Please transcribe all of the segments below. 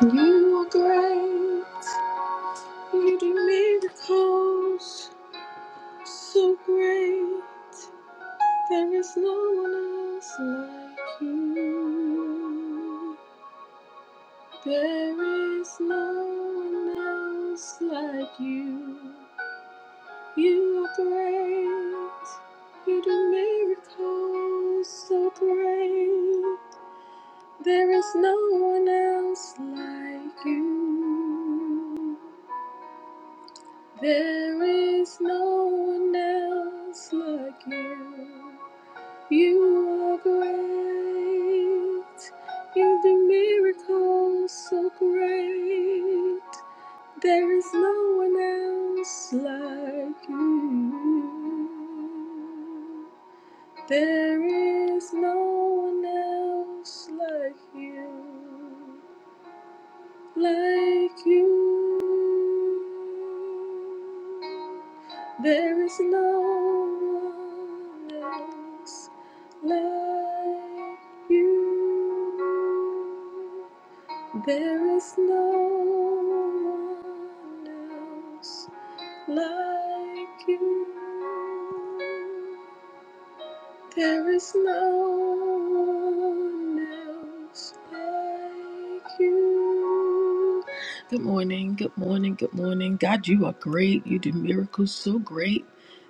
You are great, you do miracles so great. There is no one else like you. There is no one else like you. You are great, you do miracles so great. There is no one else like you. There is no one else like you. You are great. You do miracles so great. There is no one else like you. There is no one else like you like you. There is no one else like you. There is no one else like you. There is no one else like you. Good morning, good morning, good morning. God, you are great. You do miracles so great.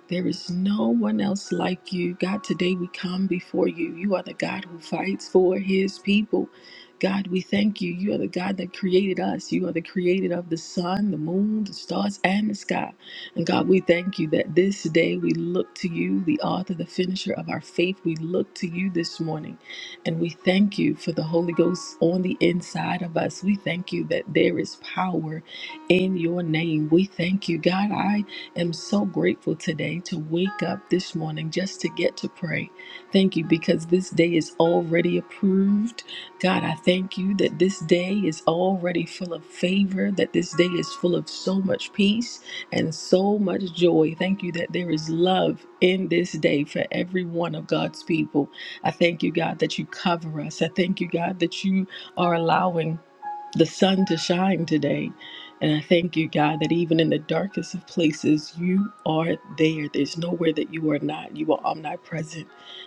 There is no one else like you. God, today we come before you. You are the God who fights for his people. God, we thank you. You are the God that created us. You are the creator of the sun, the moon, the stars, and the sky. And God, we thank you that this day we look to you, the author, the finisher of our faith. We look to you this morning. And we thank you for the Holy Ghost on the inside of us. We thank you that there is power in your name. We thank you, God. I am so grateful today to wake up this morning just to get to pray. Thank you because this day is already approved. God, I thank you that this day is already full of favor, that this day is full of so much peace and so much joy. Thank you that there is love in this day for every one of God's people. I thank you, God, that you cover us. I thank you, God, that you are allowing the sun to shine today. And I thank you, God, that even in the darkest of places, you are there. There's nowhere that you are not. You are omnipresent.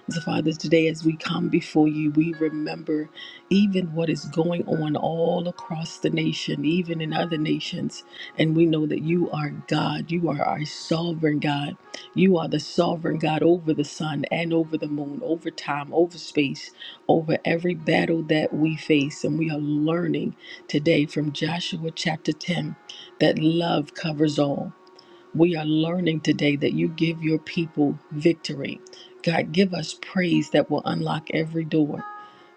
So, Father, today as we come before you, we remember even what is going on all across the nation, even in other nations. And we know that you are God. You are our sovereign God. You are the sovereign God over the sun and over the moon, over time, over space, over every battle that we face. And we are learning today from Joshua chapter 10 that love covers all. We are learning today that you give your people victory. God, give us praise that will unlock every door.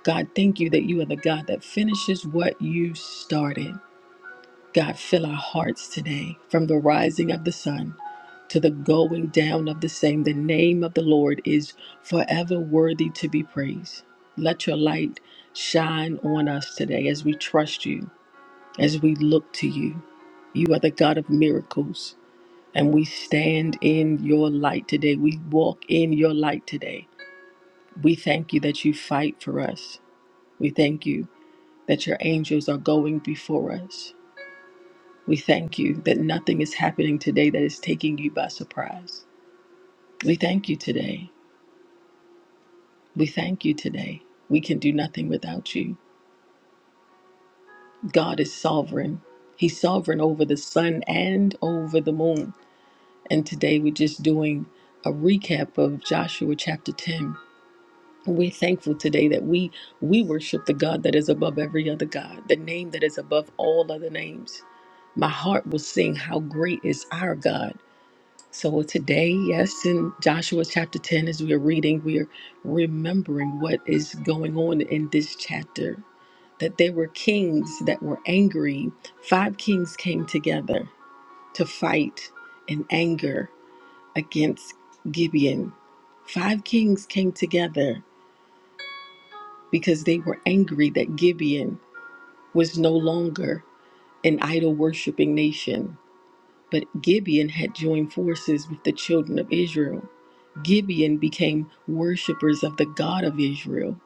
God, thank you that you are the God that finishes what you started. God, fill our hearts today from the rising of the sun to the going down of the same. The name of the Lord is forever worthy to be praised. Let your light shine on us today as we trust you, as we look to you. You are the God of miracles, and we stand in your light today. We walk in your light today. We thank you that you fight for us. We thank you that your angels are going before us. We thank you that nothing is happening today that is taking you by surprise. We thank you today. We thank you today. We can do nothing without you. God is sovereign. He's sovereign over the sun and over the moon. And today we're just doing a recap of Joshua chapter 10. We're thankful today that we we worship the God that is above every other God, the name that is above all other names. My heart will sing how great is our God So today, yes, in Joshua chapter 10, as we're reading, we're remembering what is going on in this chapter. That there were kings that were angry. Five kings came together to fight in anger against Gibeon. Five kings came together because they were angry that Gibeon was no longer an idol worshiping nation But Gibeon had joined forces with the children of Israel. Gibeon became worshippers of the God of Israel.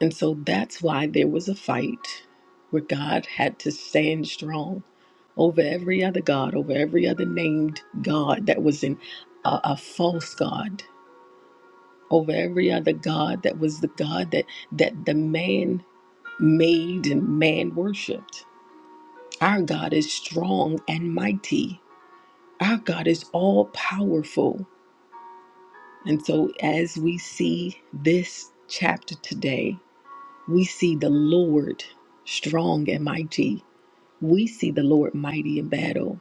And so that's why there was a fight where God had to stand strong over every other God, over every other named God that was in a, a false God, over every other God that was the God that, that the man made and man worshiped. Our God is strong and mighty. Our God is all powerful. And so, as we see this chapter today, we see the Lord strong and mighty. We see the Lord mighty in battle.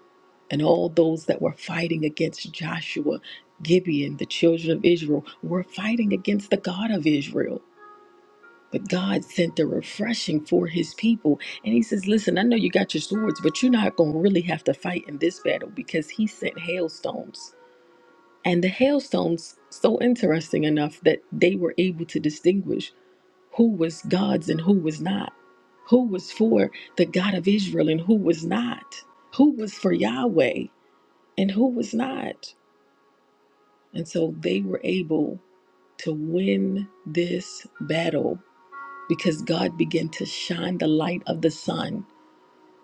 And all those that were fighting against Joshua, Gibeon, the children of Israel, were fighting against the God of Israel. But God sent the refreshing for his people. And he says, Listen, I know you got your swords, but you're not going to really have to fight in this battle because he sent hailstones. And the hailstones, so interesting enough that they were able to distinguish who was God's and who was not, who was for the God of Israel and who was not, who was for Yahweh and who was not. And so they were able to win this battle because God began to shine the light of the sun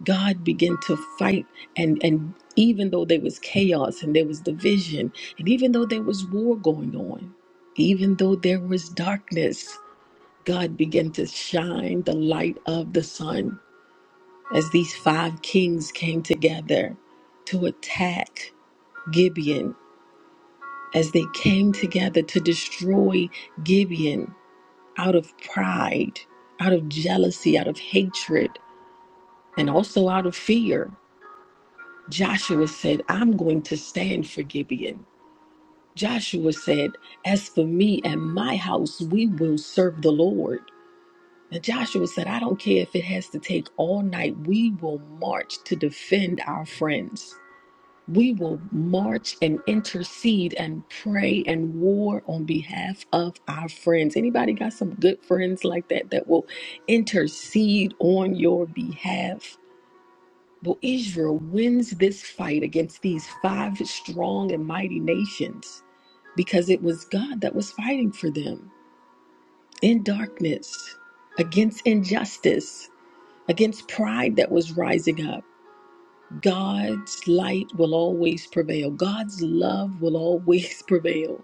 God began to fight and and even though there was chaos and there was division and even though there was war going on, even though there was darkness, God began to shine the light of the sun as these five kings came together to attack Gibeon. As they came together to destroy Gibeon out of pride, out of jealousy, out of hatred, and also out of fear. Joshua said, I'm going to stand for Gibeon. Joshua said, As for me and my house, we will serve the Lord. And Joshua said, I don't care if it has to take all night, we will march to defend our friends. We will march and intercede and pray and war on behalf of our friends. Anybody got some good friends like that that will intercede on your behalf? But Israel wins this fight against these five strong and mighty nations because it was God that was fighting for them in darkness, against injustice, against pride that was rising up. God's light will always prevail, God's love will always prevail.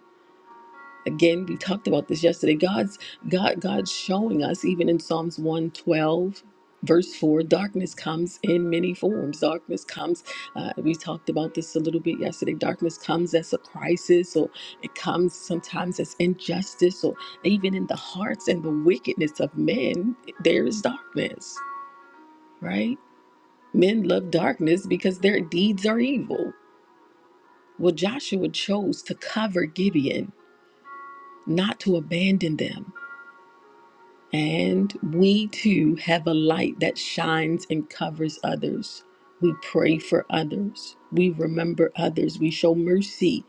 Again, we talked about this yesterday. God's God God's showing us even in Psalms 112 verse 4 darkness comes in many forms darkness comes uh, we talked about this a little bit yesterday darkness comes as a crisis or it comes sometimes as injustice or even in the hearts and the wickedness of men there is darkness right men love darkness because their deeds are evil well joshua chose to cover gibeon not to abandon them And we too have a light that shines and covers others. We pray for others. We remember others. We show mercy,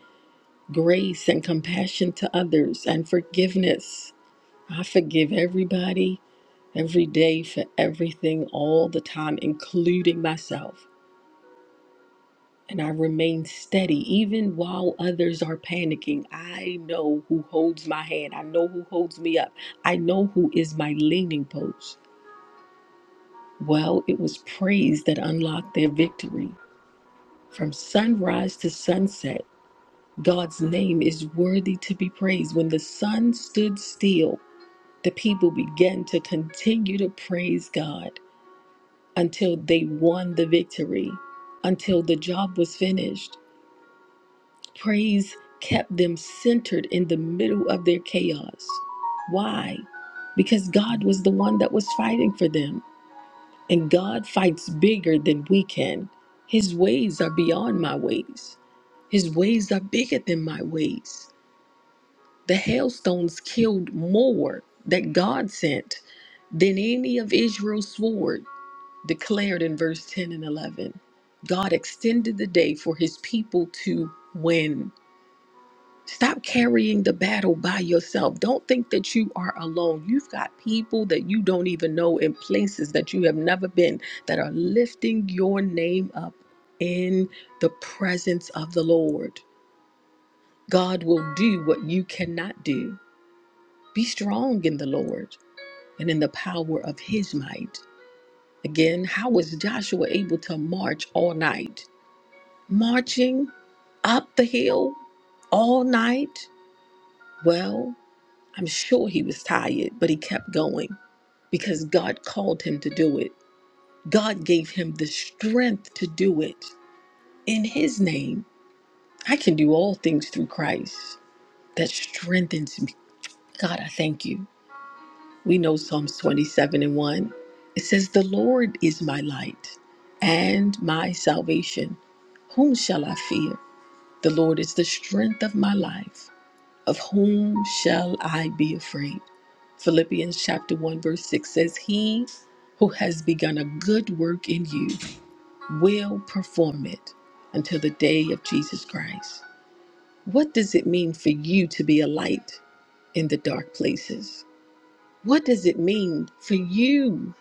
grace, and compassion to others and forgiveness. I forgive everybody every day for everything all the time, including myself. And I remain steady even while others are panicking. I know who holds my hand. I know who holds me up. I know who is my leaning post. Well, it was praise that unlocked their victory. From sunrise to sunset, God's name is worthy to be praised. When the sun stood still, the people began to continue to praise God until they won the victory, until the job was finished. Praise kept them centered in the middle of their chaos. Why? Because God was the one that was fighting for them. And God fights bigger than we can. His ways are beyond my ways. His ways are bigger than my ways. The hailstones killed more that God sent than any of Israel's sword, declared in verse 10 and 11. God extended the day for his people to win. Stop carrying the battle by yourself. Don't think that you are alone. You've got people that you don't even know in places that you have never been that are lifting your name up in the presence of the Lord. God will do what you cannot do. Be strong in the Lord and in the power of his might. Again, how was Joshua able to march all night? Marching up the hill all night? Well, I'm sure he was tired, but he kept going because God called him to do it. God gave him the strength to do it in his name. I can do all things through Christ that strengthens me. God, I thank you. We know Psalms 27 and 1. It says, The Lord is my light and my salvation. Whom shall I fear? The Lord is the strength of my life. Of whom shall I be afraid? Philippians chapter 1, verse 6 says, He who has begun a good work in you will perform it until the day of Jesus Christ. What does it mean for you to be a light in the dark places? What does it mean for you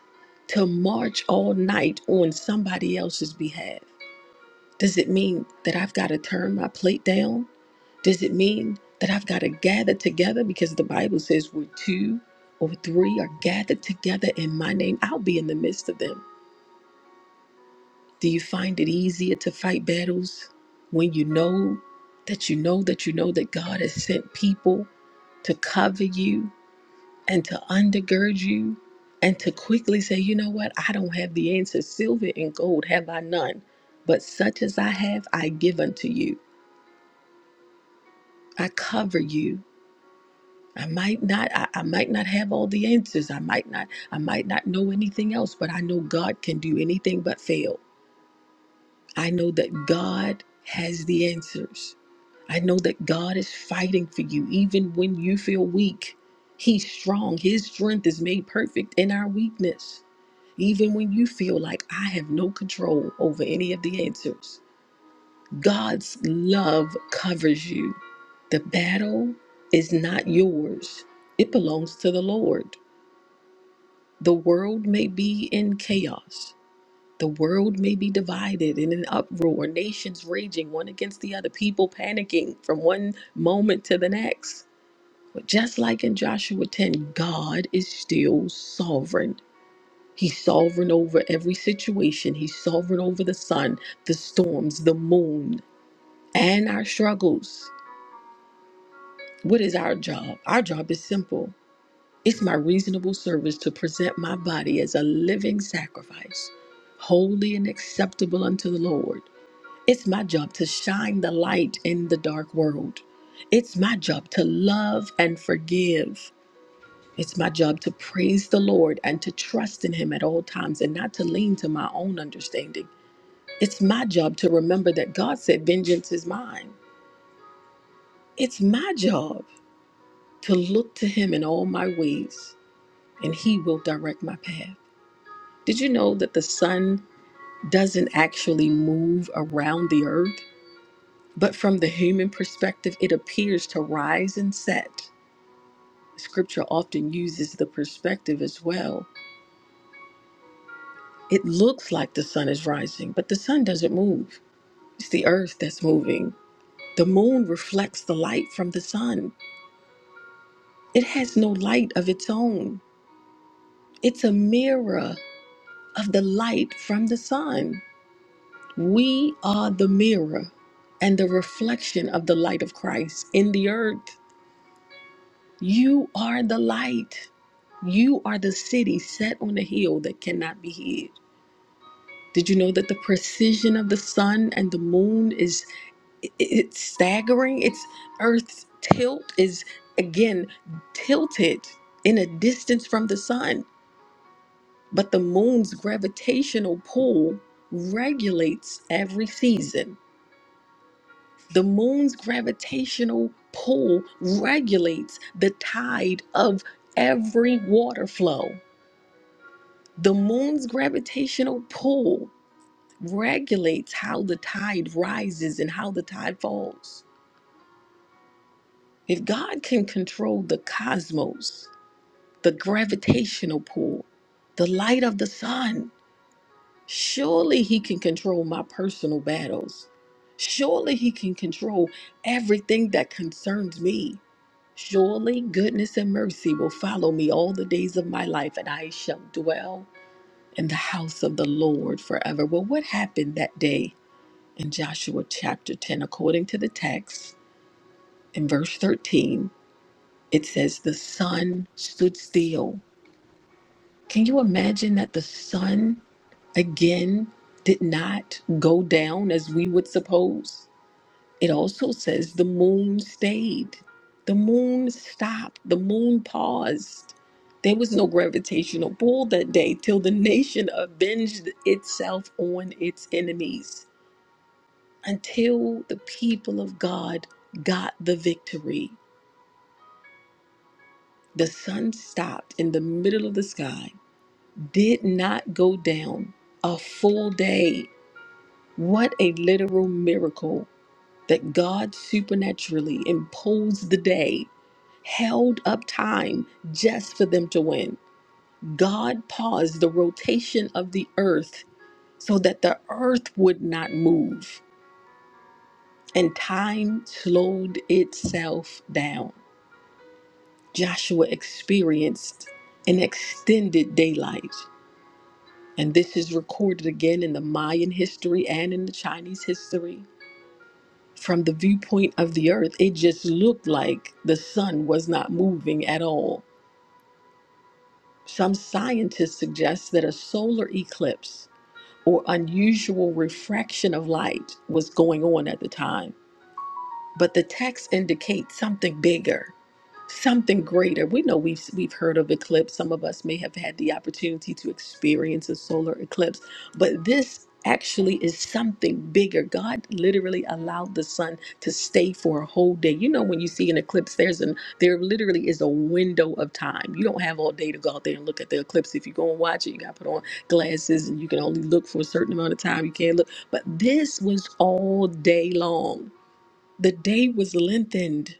to march all night on somebody else's behalf? Does it mean that I've got to turn my plate down? Does it mean that I've got to gather together? Because the Bible says where two or three are gathered together in my name, I'll be in the midst of them. Do you find it easier to fight battles when you know that you know that you know that God has sent people to cover you and to undergird you and to quickly say, you know what, I don't have the answers. Silver and gold have I none, but such as I have, I give unto you. I cover you. I might not I, I might not have all the answers. I might not I might not know anything else, but I know God can do anything but fail. I know that God has the answers. I know that God is fighting for you even when you feel weak. He's strong. His strength is made perfect in our weakness. Even when you feel like I have no control over any of the answers. God's love covers you. The battle is not yours, it belongs to the Lord. The world may be in chaos. The world may be divided in an uproar, nations raging one against the other, people panicking from one moment to the next. But just like in Joshua 10, God is still sovereign. He's sovereign over every situation, He's sovereign over the sun, the storms, the moon, and our struggles. What is our job? Our job is simple it's my reasonable service to present my body as a living sacrifice, holy and acceptable unto the Lord. It's my job to shine the light in the dark world. It's my job to love and forgive. It's my job to praise the Lord and to trust in Him at all times and not to lean to my own understanding. It's my job to remember that God said, Vengeance is mine. It's my job to look to Him in all my ways and He will direct my path. Did you know that the sun doesn't actually move around the earth? But from the human perspective, it appears to rise and set. Scripture often uses the perspective as well. It looks like the sun is rising, but the sun doesn't move. It's the earth that's moving. The moon reflects the light from the sun. It has no light of its own. It's a mirror of the light from the sun. We are the mirror and the reflection of the light of Christ in the earth. You are the light. You are the city set on a hill that cannot be hid. Did you know that the precision of the sun and the moon is i- it's staggering? It's Earth's tilt is again tilted in a distance from the sun, but the moon's gravitational pull regulates every season. The moon's gravitational pull regulates the tide of every water flow. The moon's gravitational pull regulates how the tide rises and how the tide falls. If God can control the cosmos, the gravitational pull, the light of the sun, Surely he can control my personal battles. Surely he can control everything that concerns me. Surely goodness and mercy will follow me all the days of my life, and I shall dwell in the house of the Lord forever. Well, what happened that day in Joshua chapter 10? According to the text in verse 13, it says, The sun stood still. Can you imagine that the sun? again did not go down as we would suppose. It also says the moon stayed. The moon stopped. The moon paused. There was no gravitational pull that day till the nation avenged itself on its enemies. Until the people of God got the victory, the sun stopped in the middle of the sky, did not go down a full day. What a literal miracle that God supernaturally imposed the day, held up time just for them to win. God paused the rotation of the earth so that the earth would not move, and time slowed itself down. Joshua experienced an extended daylight, and this is recorded again in the Mayan history and in the Chinese history. from the viewpoint of the earth, it just looked like the sun was not moving at all. Some scientists suggest that a solar eclipse or unusual refraction of light was going on at the time but the text indicates something bigger, something greater. We know we've we've heard of eclipse. Some of us may have had the opportunity to experience a solar eclipse, but this actually is something bigger. God literally allowed the sun to stay for a whole day. You know when you see an eclipse there's an there literally is a window of time. You don't have all day to go out there and look at the eclipse. If you go and watch it, you got to put on glasses and you can only look for a certain amount of time. You can't look. But this was all day long the day was lengthened.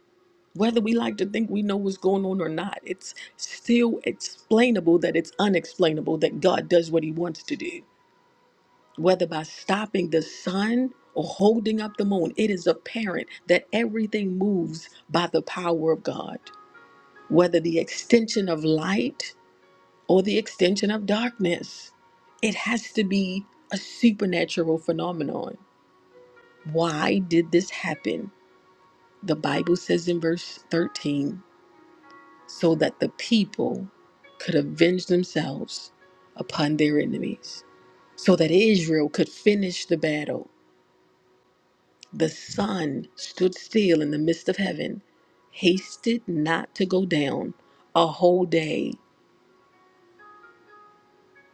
Whether we like to think we know what's going on or not, it's still explainable that it's unexplainable that God does what he wants to do. Whether by stopping the sun or holding up the moon, it is apparent that everything moves by the power of God, whether the extension of light or the extension of darkness. It has to be a supernatural phenomenon. Why did this happen? The Bible says in verse 13. so that the people could avenge themselves upon their enemies, so that Israel could finish the battle. The sun stood still in the midst of heaven, hasted not to go down a whole day.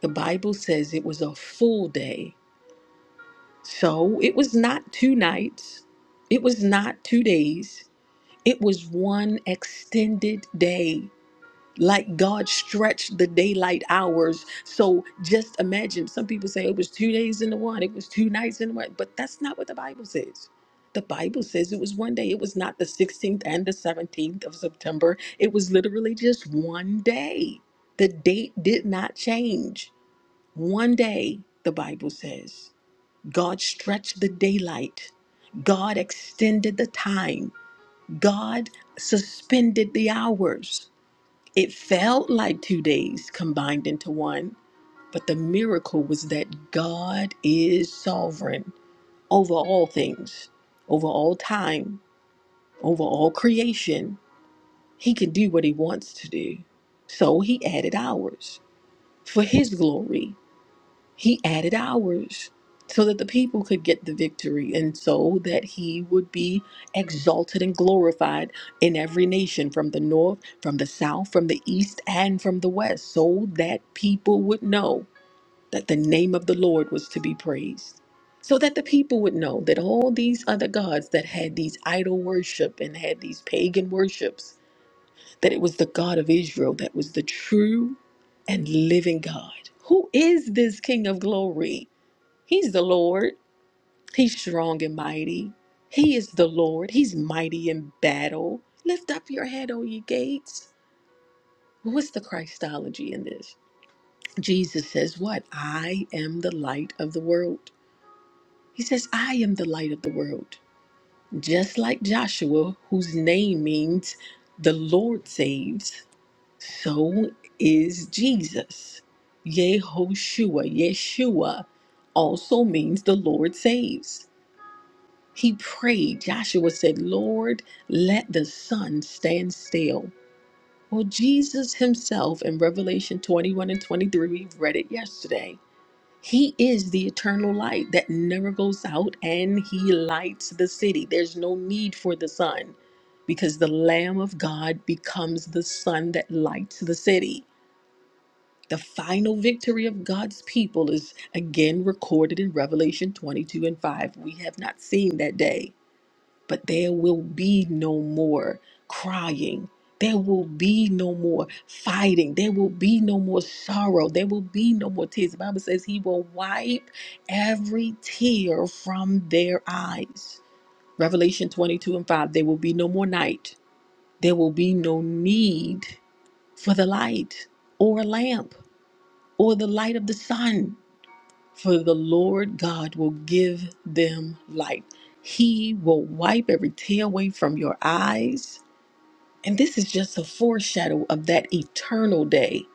The Bible says it was a full day. So it was not two nights, it was not two days, it was one extended day. like God stretched the daylight hours. So just imagine some people say it was two days in the one, it was two nights in the one, but that's not what the Bible says. The Bible says it was one day. It was not the 16th and the 17th of September. It was literally just one day. The date did not change. One day, the Bible says, God stretched the daylight. God extended the time. God suspended the hours. It felt like two days combined into one, but the miracle was that God is sovereign over all things, over all time, over all creation. He can do what he wants to do. So he added hours for his glory he added hours so that the people could get the victory and so that he would be exalted and glorified in every nation from the north, from the south, from the east, and from the west, so that people would know that the name of the Lord was to be praised. So that the people would know that all these other gods that had these idol worship and had these pagan worships, that it was the God of Israel that was the true and living God. Who is this King of glory? He's the Lord. He's strong and mighty. He is the Lord. He's mighty in battle. Lift up your head, O ye gates. What's the Christology in this? Jesus says, What? I am the light of the world. He says, I am the light of the world. Just like Joshua, whose name means the Lord saves, so is Jesus. Yehoshua, Yeshua also means the Lord saves. He prayed. Joshua said, Lord, let the sun stand still. Well, Jesus himself in Revelation 21 and 23, we read it yesterday. He is the eternal light that never goes out and he lights the city. There's no need for the sun because the Lamb of God becomes the sun that lights the city. The final victory of God's people is again recorded in Revelation 22 and 5. We have not seen that day but there will be no more crying. There will be no more fighting. There will be no more sorrow. There will be no more tears. The Bible says he will wipe every tear from their eyes. Revelation 22 and 5. There will be no more night. There will be no need for the light or a lamp or the light of the sun for the Lord God will give them light. He will wipe every tear away from your eyes. And this is just a foreshadow of that eternal day.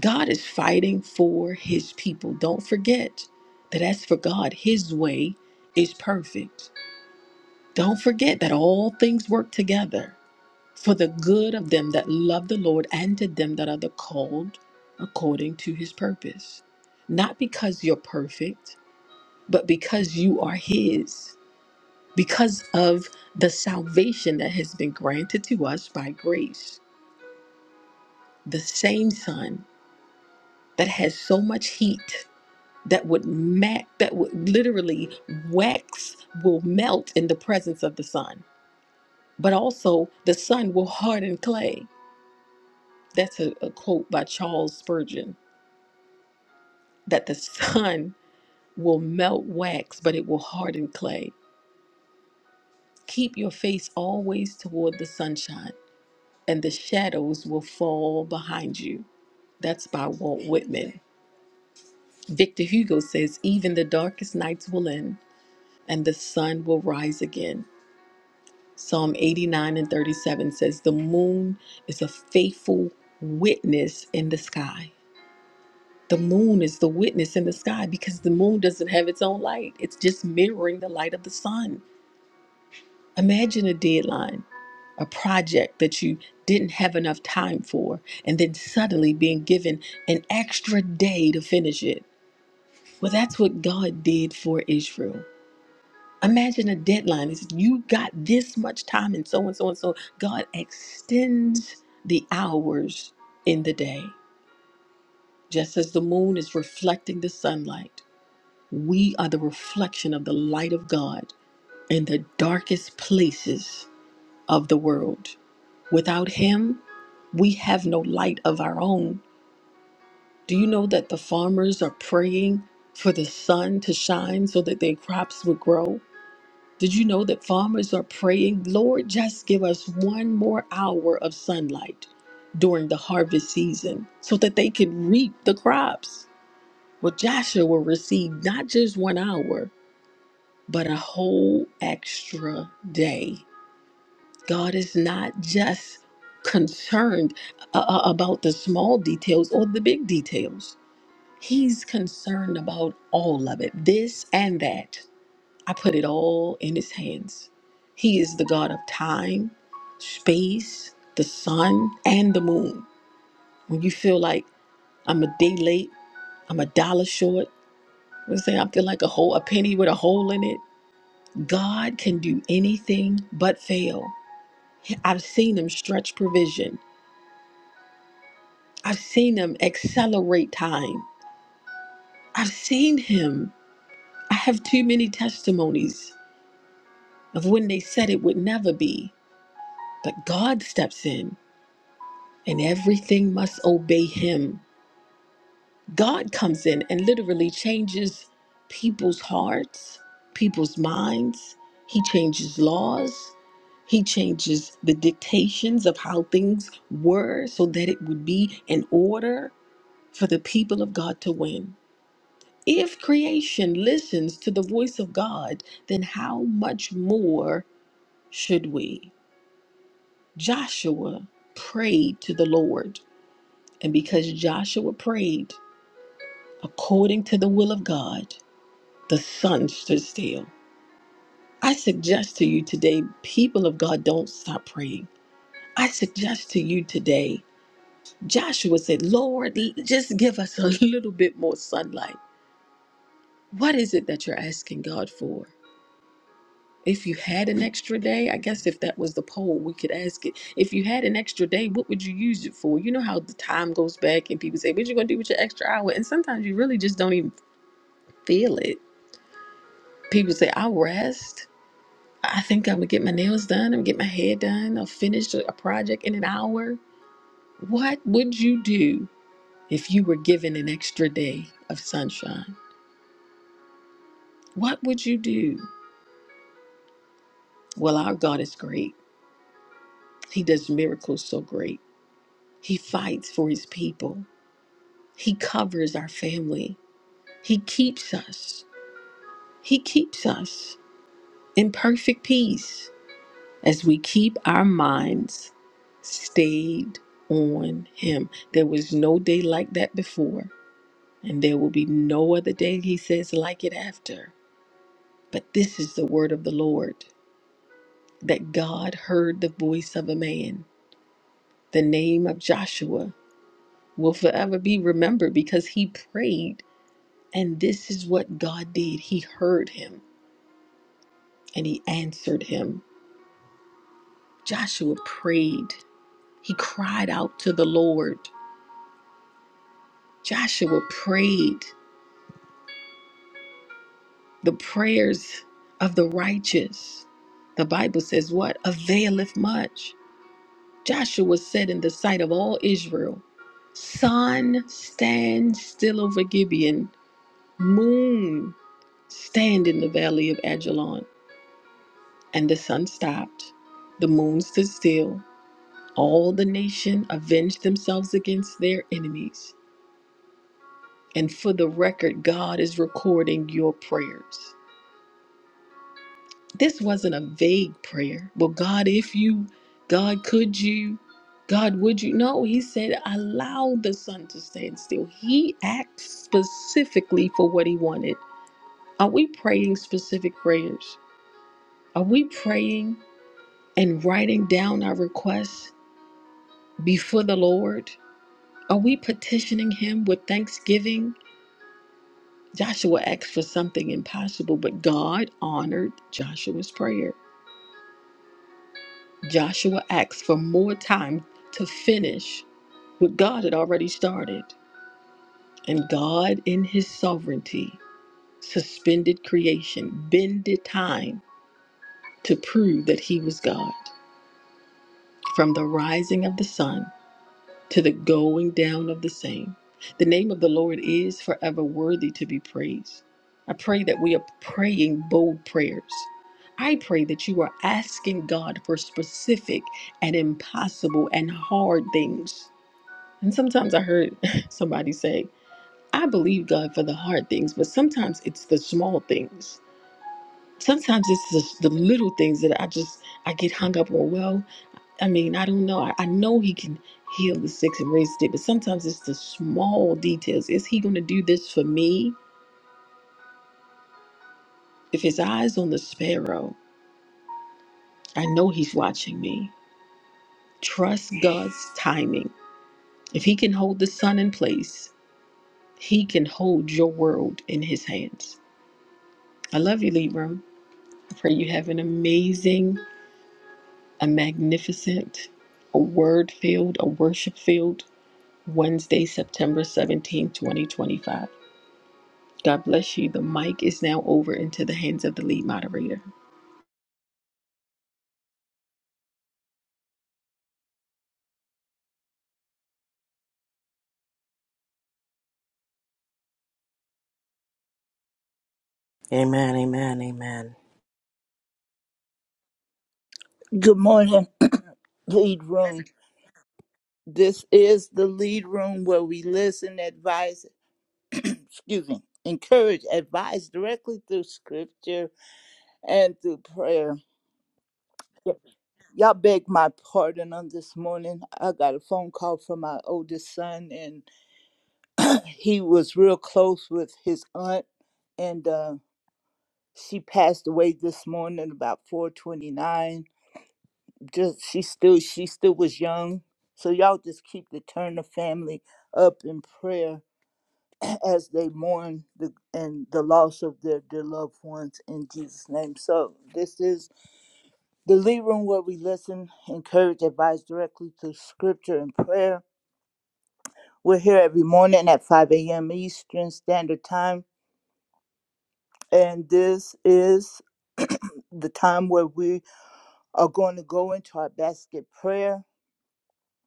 God is fighting for his people. Don't forget that as for God, his way is perfect. Don't forget that all things work together for the good of them that love the Lord and to them that are the called according to his purpose. Not because you're perfect, but because you are His, because of the salvation that has been granted to us by grace, the same sun that has so much heat that would ma- that would literally wax will melt in the presence of the sun, but also the sun will harden clay. That's a, a quote by Charles Spurgeon. That the sun will melt wax, but it will harden clay. Keep your face always toward the sunshine and the shadows will fall behind you. That's by Walt Whitman. Victor Hugo says, Even the darkest nights will end, and the sun will rise again. Psalm 89 and 37 says, The moon is a faithful witness in the sky. The moon is the witness in the sky because the moon doesn't have its own light, it's just mirroring the light of the sun. Imagine a deadline a project that you didn't have enough time for, and then suddenly being given an extra day to finish it. Well, that's what God did for Israel. Imagine a deadline. He said, You got this much time, and so and so and so. God extends the hours in the day. Just as the moon is reflecting the sunlight, we are the reflection of the light of God in the darkest places of the world. Without Him, We have no light of our own. Do you know that the farmers are praying for the sun to shine so that their crops would grow? Did you know that farmers are praying, Lord, just give us one more hour of sunlight during the harvest season so that they can reap the crops? Well, Joshua received not just one hour, but a whole extra day. God is not just concerned uh, uh, about the small details or the big details. He's concerned about all of it, this and that. I put it all in his hands. He is the God of time, space, the sun, and the moon. When you feel like I'm a day late, I'm a dollar short, let's say I feel like a hole, a penny with a hole in it. God can do anything but fail. I've seen him stretch provision. I've seen him accelerate time. I've seen him. I have too many testimonies of when they said it would never be. But God steps in and everything must obey him. God comes in and literally changes people's hearts, people's minds. He changes laws. He changes the dictations of how things were so that it would be in order for the people of God to win. If creation listens to the voice of God, then how much more should we? Joshua prayed to the Lord, and because Joshua prayed according to the will of God, the sun stood still. I suggest to you today, people of God, don't stop praying. I suggest to you today, Joshua said, Lord, l- just give us a little bit more sunlight. What is it that you're asking God for? If you had an extra day, I guess if that was the poll, we could ask it. If you had an extra day, what would you use it for? You know how the time goes back and people say, What you gonna do with your extra hour? And sometimes you really just don't even feel it. People say, I'll rest. I think I'm gonna get my nails done, I'm gonna get my hair done, I'll finish a a project in an hour. What would you do if you were given an extra day of sunshine? What would you do? Well, our God is great. He does miracles so great. He fights for his people. He covers our family. He keeps us. He keeps us in perfect peace as we keep our minds stayed on Him. There was no day like that before, and there will be no other day, He says, like it after. But this is the word of the Lord that God heard the voice of a man. The name of Joshua will forever be remembered because he prayed, and this is what God did. He heard him and he answered him. Joshua prayed. He cried out to the Lord. Joshua prayed the prayers of the righteous. The Bible says, What availeth much? Joshua said in the sight of all Israel, Sun, stand still over Gibeon. Moon, stand in the valley of Ajalon. And the sun stopped. The moon stood still. All the nation avenged themselves against their enemies. And for the record, God is recording your prayers. This wasn't a vague prayer. Well, God, if you, God, could you, God, would you? No, he said, allow the sun to stand still. He acts specifically for what he wanted. Are we praying specific prayers? Are we praying and writing down our requests before the Lord? Are we petitioning him with thanksgiving? Joshua asked for something impossible, but God honored Joshua's prayer. Joshua asked for more time to finish what God had already started. And God, in his sovereignty, suspended creation, bended time to prove that he was God. From the rising of the sun to the going down of the same. The name of the Lord is forever worthy to be praised. I pray that we are praying bold prayers. I pray that you are asking God for specific and impossible and hard things. And sometimes I heard somebody say, I believe God for the hard things, but sometimes it's the small things. Sometimes it's the, the little things that I just I get hung up on. Well, I mean, I don't know. I, I know he can heal the sick and raise the dead, but sometimes it's the small details. Is he going to do this for me? If his eyes on the sparrow, I know he's watching me. Trust God's timing. If he can hold the sun in place, he can hold your world in his hands. I love you, Libra. I pray you have an amazing, a magnificent, a word filled, a worship filled Wednesday, September 17, 2025. God bless you. The mic is now over into the hands of the lead moderator. Amen, amen, amen. Good morning, lead room. This is the lead room where we listen, advise, excuse me, encourage, advise directly through scripture and through prayer. Y'all beg my pardon on this morning. I got a phone call from my oldest son, and he was real close with his aunt, and uh, she passed away this morning about 4:29. Just she still she still was young, so y'all just keep the Turner family up in prayer as they mourn the and the loss of their dear loved ones in Jesus' name. So this is the lead room where we listen, encourage, advise directly through scripture and prayer. We're here every morning at 5 a.m. Eastern Standard Time. And this is the time where we are going to go into our basket prayer.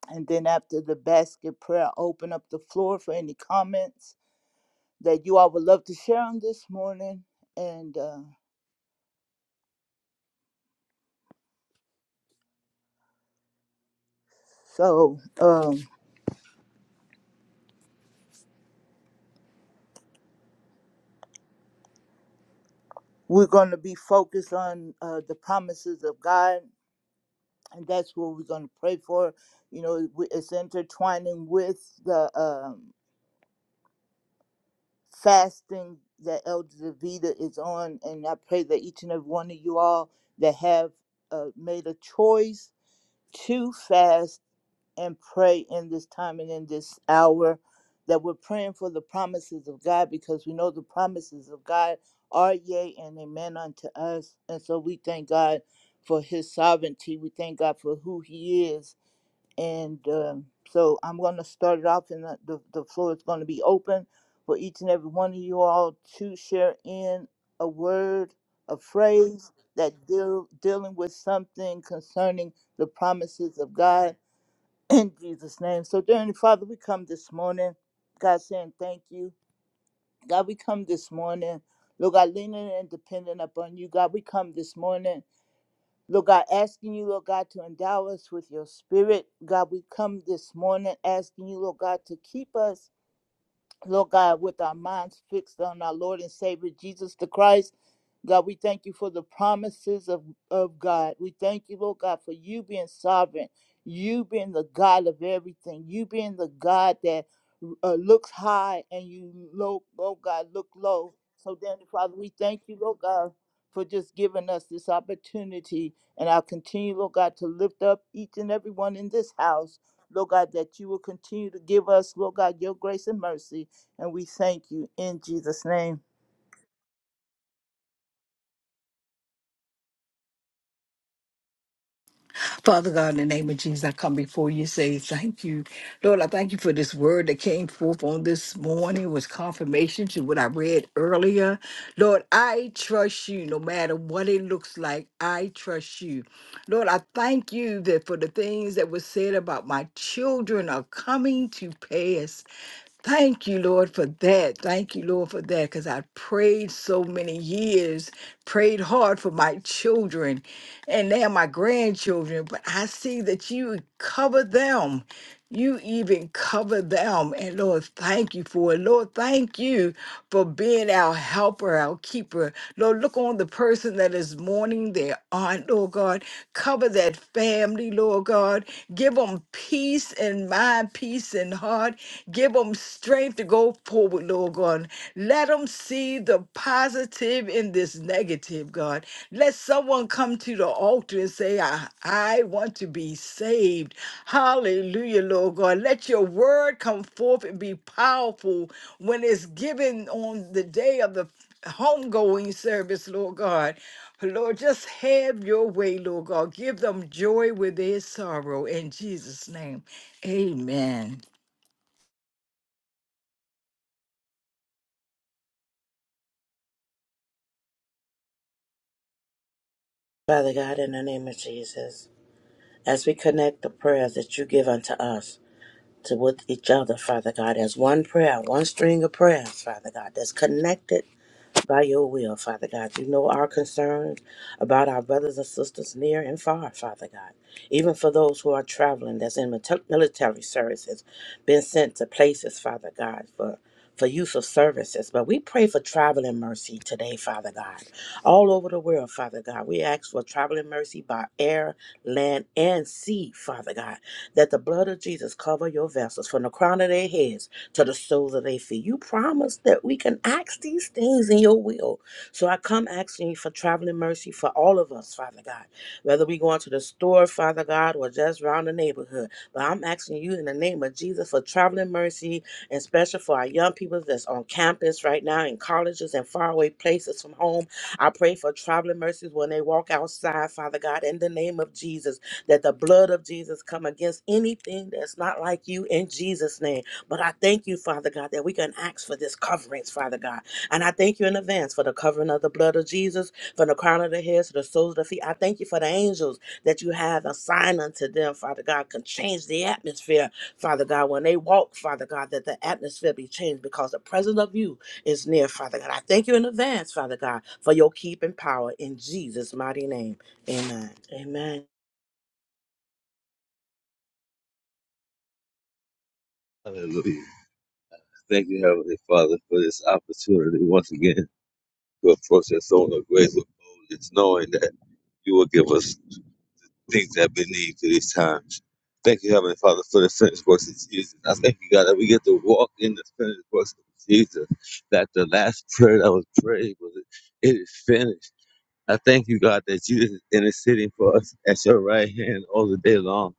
And then after the basket prayer, I'll open up the floor for any comments that you all would love to share on this morning. And uh, so, um, We're going to be focused on uh, the promises of God, and that's what we're going to pray for. You know, we- it's intertwining with the um, fasting that Elder Davida is on, and I pray that each and every one of you all that have uh, made a choice to fast and pray in this time and in this hour that we're praying for the promises of God because we know the promises of God are yea and amen unto us. And so we thank God for his sovereignty. We thank God for who he is. And um, so I'm going to start it off, and the, the, the floor is going to be open for each and every one of you all to share in a word, a phrase that deal, dealing with something concerning the promises of God in Jesus' name. So, dear Heavenly Father, we come this morning, God, saying thank you. God, we come this morning, Lord God, leaning and dependent upon you. God, we come this morning, Lord God, asking you, Lord God, to endow us with your spirit. God, we come this morning asking you, Lord God, to keep us. Lord God, with our minds fixed on our Lord and Savior Jesus the Christ. God, we thank you for the promises of, of God. We thank you, Lord God, for you being sovereign, you being the God of everything, you being the God that uh, looks high and you, low, oh God, look low. So, then, Father, we thank you, Lord God, for just giving us this opportunity. And I'll continue, Lord God, to lift up each and every one in this house, Lord God, that you will continue to give us, Lord God, your grace and mercy. And we thank you in Jesus' name. Father God, in the name of Jesus, I come before you say thank you. Lord, I thank you for this word that came forth on this morning It was confirmation to what I read earlier. Lord, I trust you no matter what it looks like. I trust you. Lord, I thank you that for the things that were said about my children are coming to pass. Thank you, Lord, for that. Thank you, Lord, for that. Because I prayed so many years, prayed hard for my children and now my grandchildren. But I see that you cover them. You even cover them. And Lord, thank you for it. Lord, thank you for being our helper, our keeper. Lord, look on the person that is mourning their aunt, Lord God. Cover that family, Lord God. Give them peace in mind, peace in heart Give them strength to go forward, Lord God. Let them see the positive in this negative, God. Let someone come to the altar and say, I, I want to be saved. Hallelujah, Lord God. Let your word come forth and be powerful when it's given on the day of the homegoing service, Lord God. Lord, just have your way, Lord God. Give them joy with their sorrow. In Jesus' name, amen. Father God, in the name of Jesus, as we connect the prayers that you give unto us to with each other, Father God, as one prayer, one string of prayers, Father God, that's connected by your will, Father God. You know our concerns about our brothers and sisters near and far, Father God. Even for those who are traveling, that's in mil- military services, been sent to places, Father God, for for use of services. But we pray for traveling mercy today, Father God. All over the world, Father God. We ask for traveling mercy by air, land, and sea, Father God. That the blood of Jesus cover your vessels from the crown of their heads to the soles of their feet. You promised that we can ask these things in your will. So I come asking you for traveling mercy for all of us, Father God. Whether we go into the store, Father God, or just around the neighborhood. But I'm asking you in the name of Jesus for traveling mercy and special for our young people that's on campus right now in colleges and faraway places from home. I pray for traveling mercies when they walk outside, Father God, in the name of Jesus, that the blood of Jesus come against anything that's not like you in Jesus' name. But I thank you, Father God, that we can ask for this coverings, Father God. And I thank you in advance for the covering of the blood of Jesus, from the crown of the head to the soles of the feet. I thank you for the angels that you have assigned unto them, Father God, can change the atmosphere, Father God. When they walk, Father God, that the atmosphere be changed because the presence of you is near, Father God. I thank you in advance, Father God, for your keeping power in Jesus' mighty name. Amen. Amen. Hallelujah. Thank you, Heavenly Father, for this opportunity once again to approach your throne of grace with boldness, knowing that you will give us things that we need for these times. Thank you, Heavenly Father, for the finished works of Jesus. I thank you, God, that we get to walk in the finished works of Jesus. That the last prayer that was prayed was, It is finished. I thank you, God, that you is interceding for us at your right hand all the day long,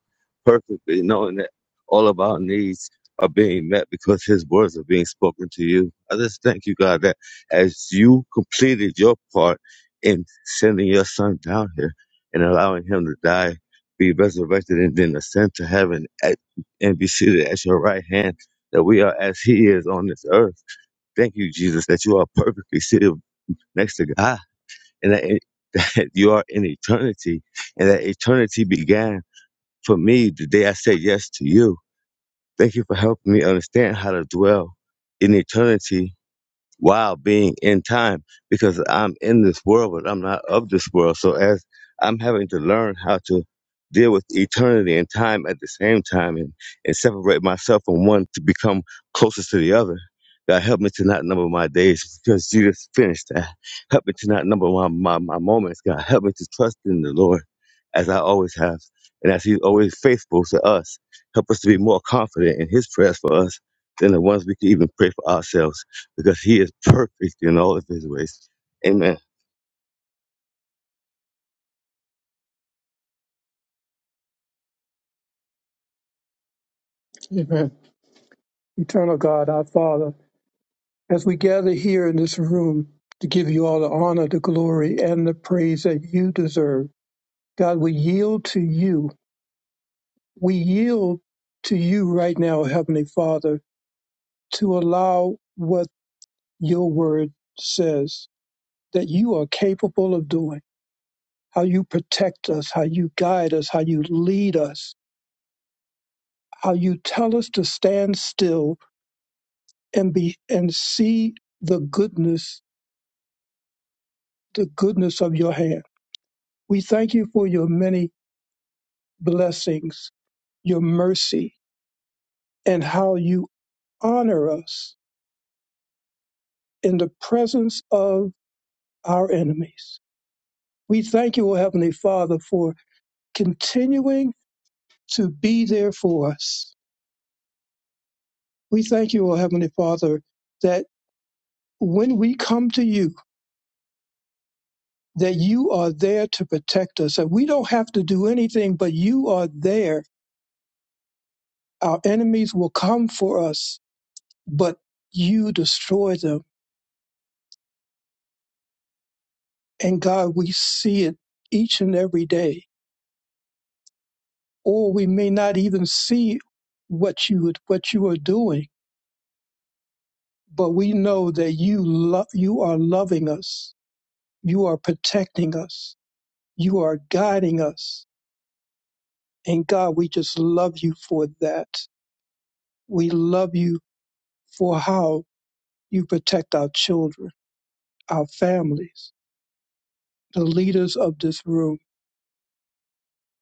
perfectly knowing that all of our needs are being met because his words are being spoken to you. I just thank you, God, that as you completed your part in sending your son down here and allowing him to die, be resurrected, and then ascend to heaven at, and be seated at your right hand, that we are as he is on this earth. Thank you, Jesus, that you are perfectly seated next to God and that, it, that you are in eternity, and that eternity began for me the day I said yes to you. Thank you for helping me understand how to dwell in eternity while being in time because I'm in this world, but I'm not of this world. So as I'm having to learn how to deal with eternity and time at the same time and, and separate myself from one to become closest to the other. God help me to not number my days because Jesus finished that. Help me to not number my, my, my moments. God help me to trust in the Lord as I always have and as He's always faithful to us. Help us to be more confident in His prayers for us than the ones we can even pray for ourselves because he is perfect in all of his ways. Amen. Amen. Eternal God, our Father, as we gather here in this room to give you all the honor, the glory, and the praise that you deserve, God, we yield to you. We yield to you right now, Heavenly Father, to allow what your word says that you are capable of doing, how you protect us, how you guide us, how you lead us, how you tell us to stand still and be and see the goodness, the goodness of your hand We thank you for your many blessings, your mercy, and how you honor us in the presence of our enemies. We thank you, O Heavenly Father, for continuing to be there for us. We thank you, O Heavenly Father, that when we come to you, that you are there to protect us, that we don't have to do anything, but you are there. Our enemies will come for us, but you destroy them And God, we see it each and every day. Or we may not even see what you what you are doing, but we know that you love you are loving us, you are protecting us, you are guiding us. And God, we just love you for that. We love you for how you protect our children, our families, the leaders of this room,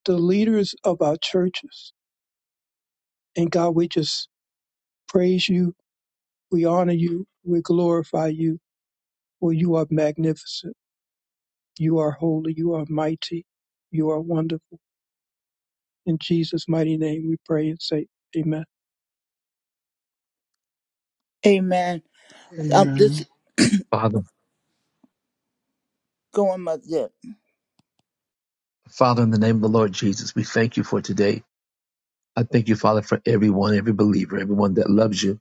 the leaders of our churches. And God, we just praise you We honor you. We glorify you. For you are magnificent. You are holy. You are mighty. You are wonderful. In Jesus' mighty name we pray and say, Amen. Amen. I'm just Amen. Father, going my zip. Father, in the name of the Lord Jesus, we thank you for today. I thank you, Father, for everyone, every believer, everyone that loves you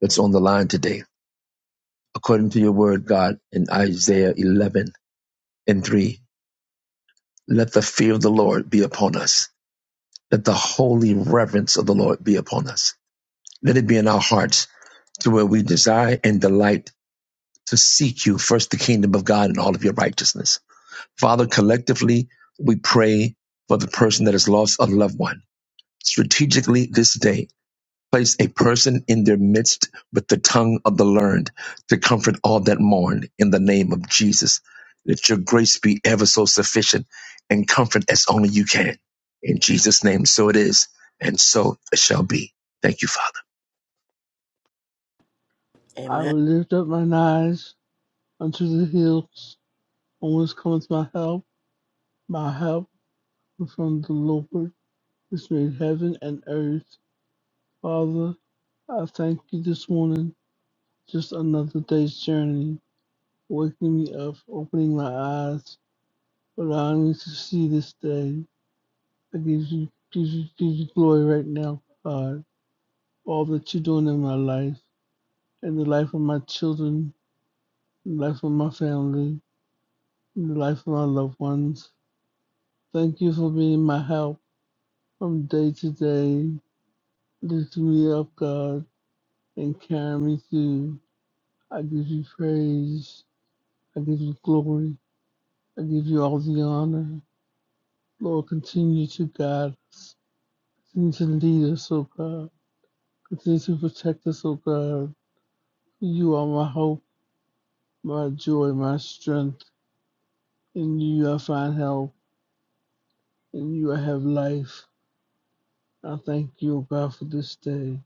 that's on the line today. According to your word, God, in Isaiah 11 and 3, let the fear of the Lord be upon us. Let the holy reverence of the Lord be upon us. Let it be in our hearts to where we desire and delight to seek you first, the kingdom of God and all of your righteousness. Father, collectively, we pray for the person that has lost a loved one strategically this day Place a person in their midst with the tongue of the learned to comfort all that mourn in the name of Jesus. Let your grace be ever so sufficient and comfort as only you can. In Jesus' name, so it is, and so it shall be. Thank you, Father. I Amen. will lift up mine eyes unto the hills, from whence cometh my help. My help is from the Lord, which made heaven and earth. Father, I thank you this morning, just another day's journey, waking me up, opening my eyes, allowing me to see this day. I give you, give you, give you glory right now, God, for all that you're doing in my life, and the life of my children, the life of my family, and the life of my loved ones. Thank you for being my help from day to day. Lift me up, God, and carry me through. I give you praise. I give you glory. I give you all the honor. Lord, continue to guide us. Continue to lead us, O God. Continue to protect us, O God. You are my hope, my joy, my strength. In you I find help. In you I have life. I thank you, O God, for this day.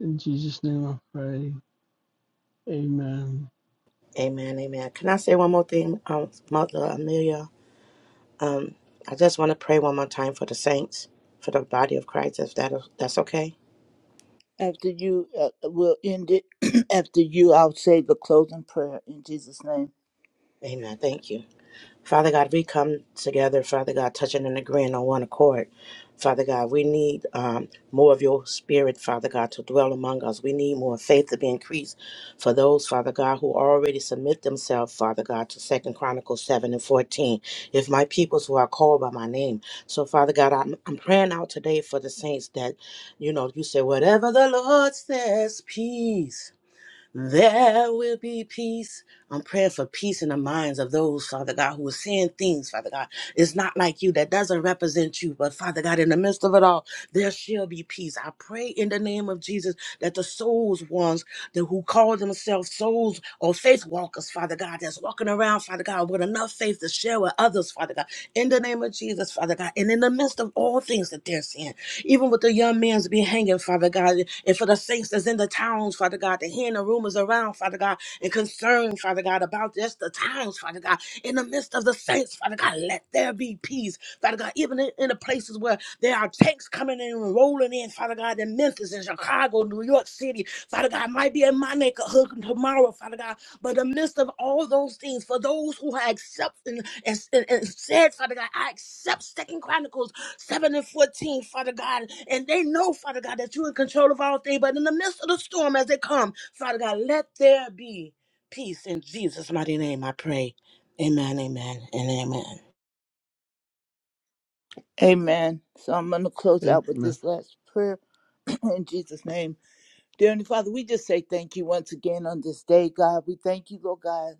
In Jesus' name I pray. Amen. Amen. Amen. Can I say one more thing, um, Mother Amelia? I just want to pray one more time for the saints, for the body of Christ, if that, that's okay. After you, uh, we'll end it. After you, I'll say the closing prayer in Jesus' name. Amen. Thank you. Father God, we come together, Father God, touching and agreeing on one accord. Father God, we need um, more of your spirit, Father God, to dwell among us. We need more faith to be increased for those, Father God, who already submit themselves, Father God, to Second Chronicles 7 and 14. If my peoples who are called by my name. So, Father God, I'm, I'm praying out today for the saints that, you know, you say, whatever the Lord says, peace. There will be peace. I'm praying for peace in the minds of those, Father God, who are seeing things, Father God. It's not like you that doesn't represent you, but Father God, in the midst of it all, there shall be peace. I pray in the name of Jesus that the souls ones that who call themselves souls or faith walkers, Father God, that's walking around, Father God, with enough faith to share with others, Father God, in the name of Jesus, Father God, and in the midst of all things that they're seeing even with the young man's be hanging, Father God, and for the saints that's in the towns, Father God, to hearing the rumors around, Father God, and concern, Father God, about just the towns, Father God, in the midst of the saints, Father God, let there be peace, Father God, even in, in the places where there are tanks coming in and rolling in, Father God, in Memphis, in Chicago, New York City, Father God, might be in my neighborhood tomorrow, Father God, but in the midst of all those things, for those who have accepted and, and, and said, Father God, I accept Second Chronicles. 7 and 14, Father God. And they know, Father God, that you're in control of all things. But in the midst of the storm as they come, Father God, let there be peace in Jesus' mighty name, I pray. Amen, amen, and amen. Amen. So I'm going to close out with Amen. this last prayer in Jesus' name. Dear Heavenly Father, we just say thank you once again on this day, God. We thank you, Lord God.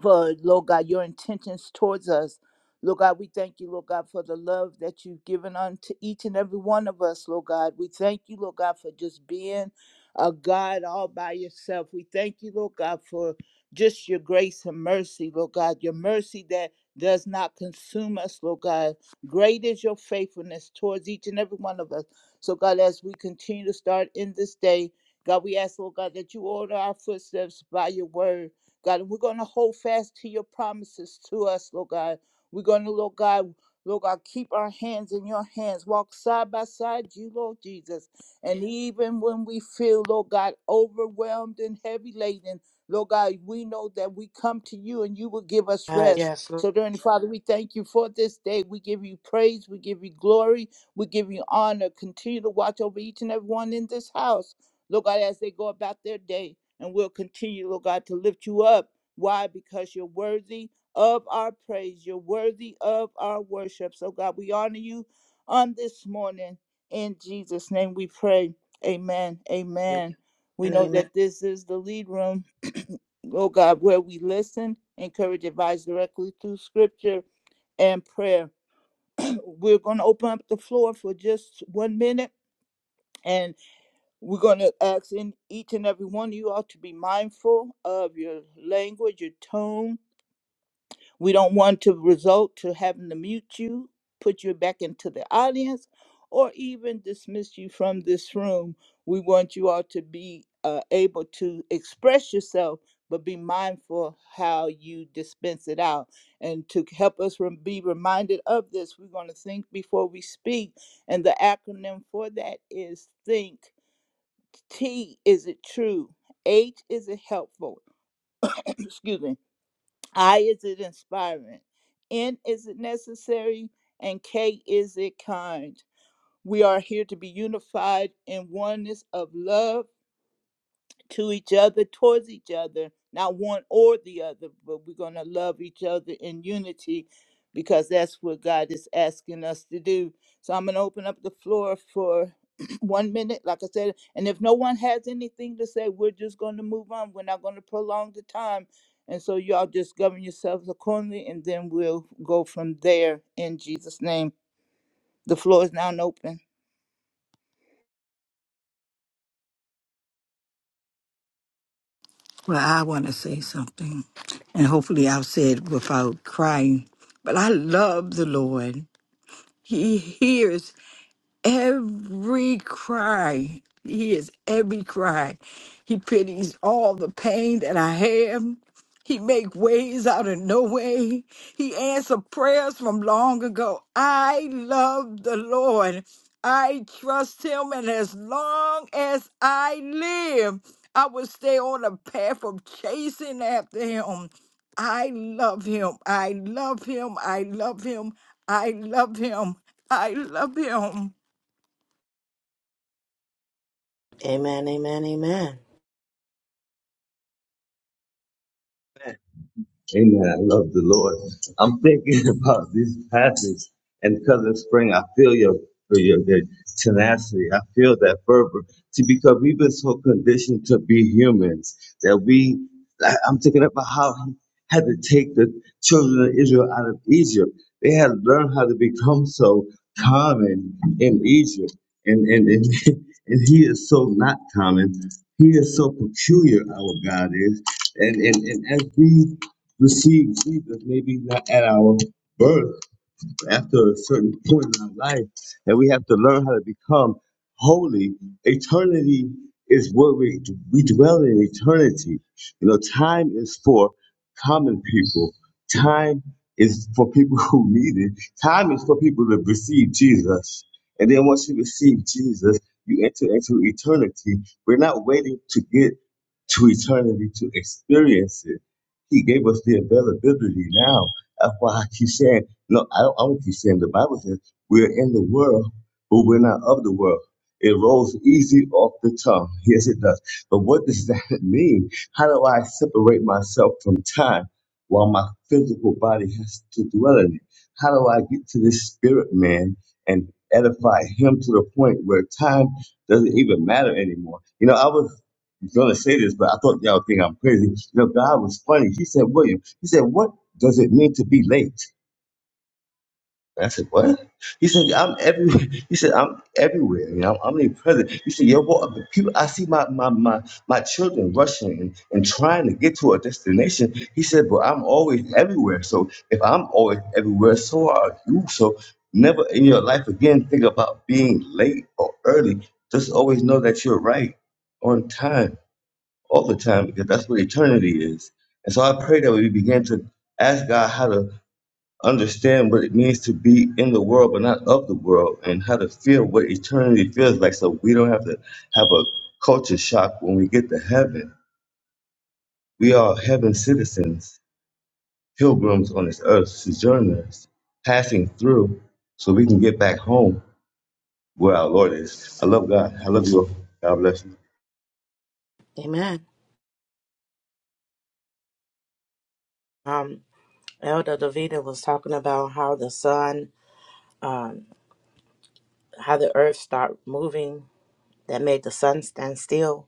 for Lord God, your intentions towards us. Lord God, we thank you, Lord God, for the love that you've given unto each and every one of us, Lord God. We thank you, Lord God, for just being a God all by yourself. We thank you, Lord God, for just your grace and mercy, Lord God, your mercy that does not consume us, Lord God. Great is your faithfulness towards each and every one of us. So, God, as we continue to start in this day, God, we ask, Lord God, that you order our footsteps by your word. God, and we're going to hold fast to your promises to us, Lord God. We're going to, Lord God, Lord God, keep our hands in your hands. Walk side by side you, Lord Jesus. And even when we feel, Lord God, overwhelmed and heavy laden, Lord God, we know that we come to you and you will give us Uh, rest. yes, Lord. So, dear Heavenly Father, we thank you for this day. We give you praise. We give you glory. We give you honor. Continue to watch over each and every one in this house. Lord God, as they go about their day. And we'll continue, Lord God, to lift you up. Why? Because you're worthy of our praise. You're worthy of our worship. So, God, we honor you on this morning. In Jesus' name we pray. Amen. Amen, Amen. We know amen. that this is the lead room, oh God, where we listen, encourage, advise directly through scripture and prayer. We're going to open up the floor for just one minute. and. We're going to ask in each and every one of you all to be mindful of your language, your tone. We don't want to result to having to mute you, put you back into the audience, or even dismiss you from this room. We want you all to be uh, able to express yourself, but be mindful how you dispense it out. And to help us rem- be reminded of this, we're going to think before we speak. And the acronym for that is THINK T is it true? H is it helpful? Excuse me. I is it inspiring? N is it necessary? And K is it kind? We are here to be unified in oneness of love to each other, towards each other, not one or the other, but we're going to love each other in unity because that's what God is asking us to do. So I'm going to open up the floor for one minute, like I said. And if no one has anything to say, we're just going to move on. We're not going to prolong the time. And so y'all just govern yourselves accordingly, and then we'll go from there in Jesus' name. The floor is now open. Well, I want to say something, and hopefully I'll say it without crying. But I love the Lord. He hears every cry. He hears every cry. He pities all the pain that I have. He make ways out of no way. He answer prayers from long ago. I love the Lord. I trust him and as long as I live, I will stay on the path of chasing after him. I love him. I love him. I love him. I love him. I love him. Amen, amen, amen. Amen. I love the Lord. I'm thinking about this passage, and Cousin Spring, I feel your your, your tenacity. I feel that fervor. See, because we've been so conditioned to be humans that we, I- I'm thinking about how he had to take the children of Israel out of Egypt. They had learned how to become so common in Egypt, and and and, and he is so not common. He is so peculiar. Our God is, and and, and as we receive Jesus, maybe not at our birth, after a certain point in our life and we have to learn how to become holy. Eternity is where we, we dwell in eternity. You know, time is for common people. Time is for people who need it. Time is for people to receive Jesus. And then once you receive Jesus, you enter into eternity. We're not waiting to get to eternity to experience it. He gave us the availability now. That's why I keep saying no, I don't, I don't keep saying the Bible says we're in the world, but we're not of the world. It rolls easy off the tongue. Yes, it does. But what does that mean? How do I separate myself from time while my physical body has to dwell in it? How do I get to this spirit man and edify him to the point where time doesn't even matter anymore? You know, I was gonna say this, but I thought y'all think I'm crazy. You know, God was funny. He said, William, he said, What does it mean to be late? I said, what? He said, I'm every. He said, I'm everywhere. You know, I'm omnipresent. He said, yo, boy, the people, I see my my my my children rushing and, and trying to get to a destination. He said, but I'm always everywhere. So if I'm always everywhere, so are you. So never in your life again think about being late or early. Just always know that you're right on time all the time because that's what eternity is. And so I pray that we begin to ask God how to understand what it means to be in the world but not of the world and how to feel what eternity feels like so we don't have to have a culture shock when we get to heaven. We are heaven citizens, pilgrims on this earth, sojourners, passing through so we can get back home where our Lord is. I love God. I love you. all. God bless you. Amen. Um, Elder Davida was talking about how the sun, um, how the earth stopped moving that made the sun stand still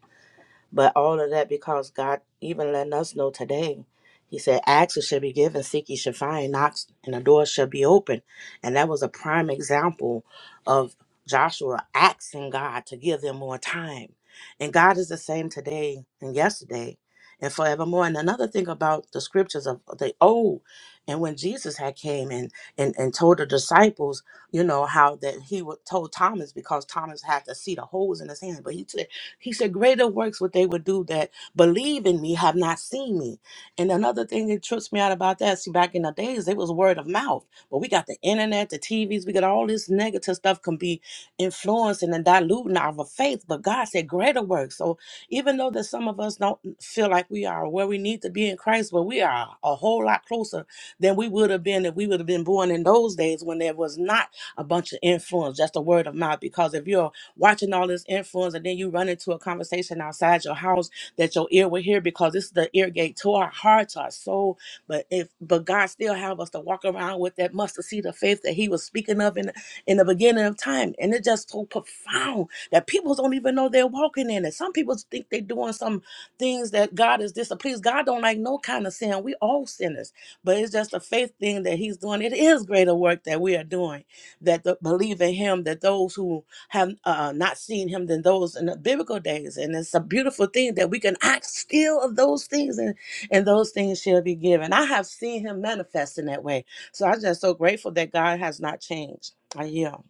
But all of that because God even letting us know today. He said, Ask it shall be given, seek ye shall find, knock and the door shall be open. And that was a prime example of Joshua asking God to give them more time. And God is the same today and yesterday and forevermore. And another thing about the scriptures of the old, and when Jesus had came and and, and told the disciples, you know, how that he would told Thomas because Thomas had to see the holes in his hand, but he said he said, Greater works would they would do that believe in me have not seen me. And another thing that trips me out about that, see, back in the days, it was word of mouth. But we got the internet, the TVs, we got all this negative stuff can be influencing and diluting our faith. But God said, Greater works. So even though that some of us don't feel like we are where we need to be in Christ, but we are a whole lot closer than we would have been if we would have been born in those days when there was not a bunch of influence, just a word of mouth. Because if you're watching all this influence, and then you run into a conversation outside your house that your ear will hear because this is the ear gate to our heart, to our soul. But if but God still have us to walk around with that mustard seed of faith that He was speaking of in in the beginning of time, and it's just so profound that people don't even know they're walking in it. Some people think they're doing some things that God is displeased. God don't like no kind of sin. We all sinners, but it's just a faith thing that He's doing. It is greater work that we are doing that the, believe in Him. That those who have uh, not seen him than those in the biblical days. And it's a beautiful thing that we can act still of those things and, and those things shall be given. I have seen him manifest in that way. So I'm just so grateful that God has not changed. I yield.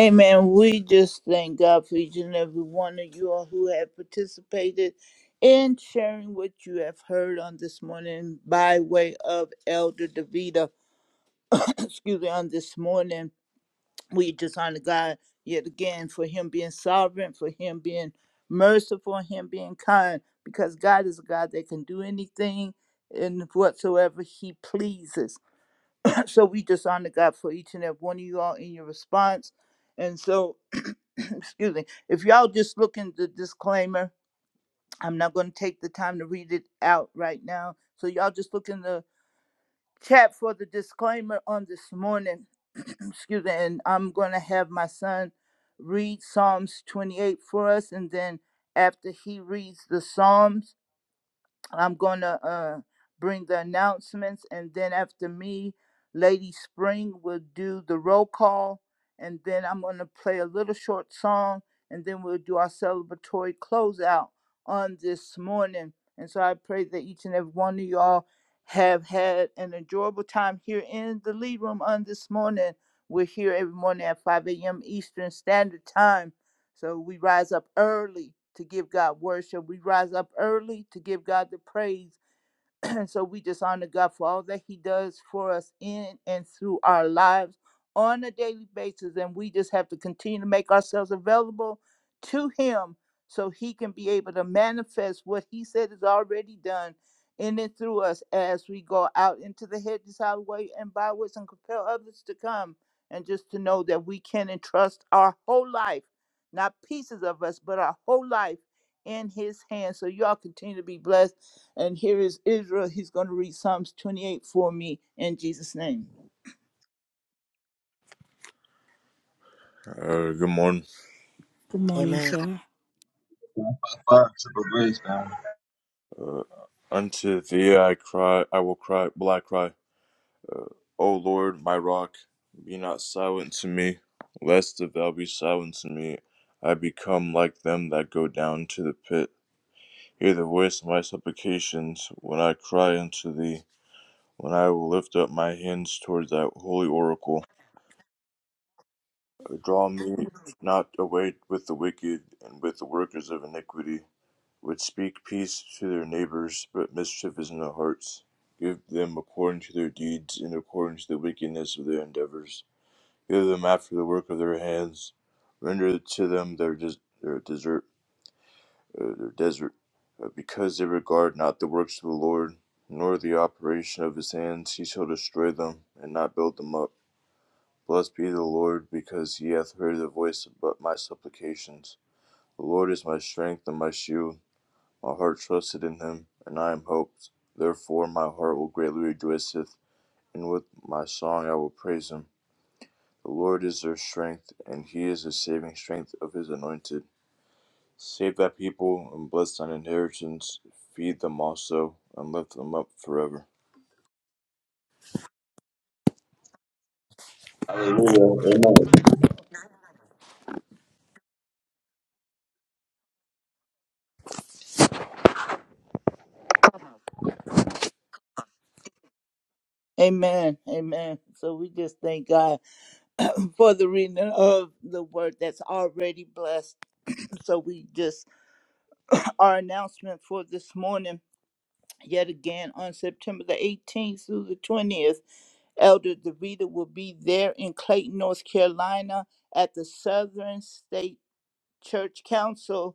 Amen. We just thank God for each and every one of you all who have participated in sharing what you have heard on this morning by way of Elder Davida. Excuse me, on this morning. We just honor God yet again for him being sovereign, for him being merciful, him being kind, because God is a God that can do anything and whatsoever he pleases. so we just honor God for each and every one of you all in your response. And so excuse me, if y'all just look in the disclaimer, I'm not going to take the time to read it out right now. So y'all just look in the chat for the disclaimer on this morning. excuse me, and I'm going to have my son read Psalms 28 for us, and then after he reads the Psalms. I'm going to uh, bring the announcements, and then after me, Lady Spring will do the roll call, and then I'm going to play a little short song, and then we'll do our celebratory closeout on this morning. And so I pray that each and every one of y'all have had an enjoyable time here in the lead room on this morning. We're here every morning at 5 a.m. Eastern Standard Time so we rise up early to give God worship. We rise up early to give God the praise. And so we just honor God for all that He does for us in and through our lives on a daily basis. And we just have to continue to make ourselves available to Him so He can be able to manifest what He said is already done in and through us as we go out into the hedges, highway, and byways and compel others to come. And just to know that we can entrust our whole life, not pieces of us, but our whole life in His hands. So y'all continue to be blessed and here is Israel. He's going to read Psalms 28 for me in Jesus' name. Uh, good morning. Good morning, Amen. sir. Wow, triple grace, man. Unto thee I cry, I will cry, will I cry, O Lord, my rock, be not silent to me, lest if thou be silent to me, I become like them that go down to the pit. Hear the voice of my supplications when I cry unto thee, when I will lift up my hands towards thy holy oracle. Draw me not away with the wicked and with the workers of iniquity. would speak peace to their neighbors, but mischief is in their hearts. Give them according to their deeds and according to the wickedness of their endeavors. Give them after the work of their hands. Render to them their des- their desert, uh, their desert, uh, because they regard not the works of the Lord, nor the operation of his hands. He shall destroy them and not build them up. Blessed be the Lord, because he hath heard the voice of my supplications. The Lord is my strength and my shield. My heart trusted in him, and I am hoped. Therefore my heart will greatly rejoiceth, and with my song I will praise him. The Lord is their strength, and he is the saving strength of his anointed. Save thy people, and bless thine inheritance. Feed them also, and lift them up forever. Hallelujah. Amen. Amen. Amen. So we just thank God for the reading of the word that's already blessed. So we just, our announcement for this morning. Yet again, on September the 18th through the 20th, Elder DeVita will be there in Clayton, North Carolina at the Southern State Church Council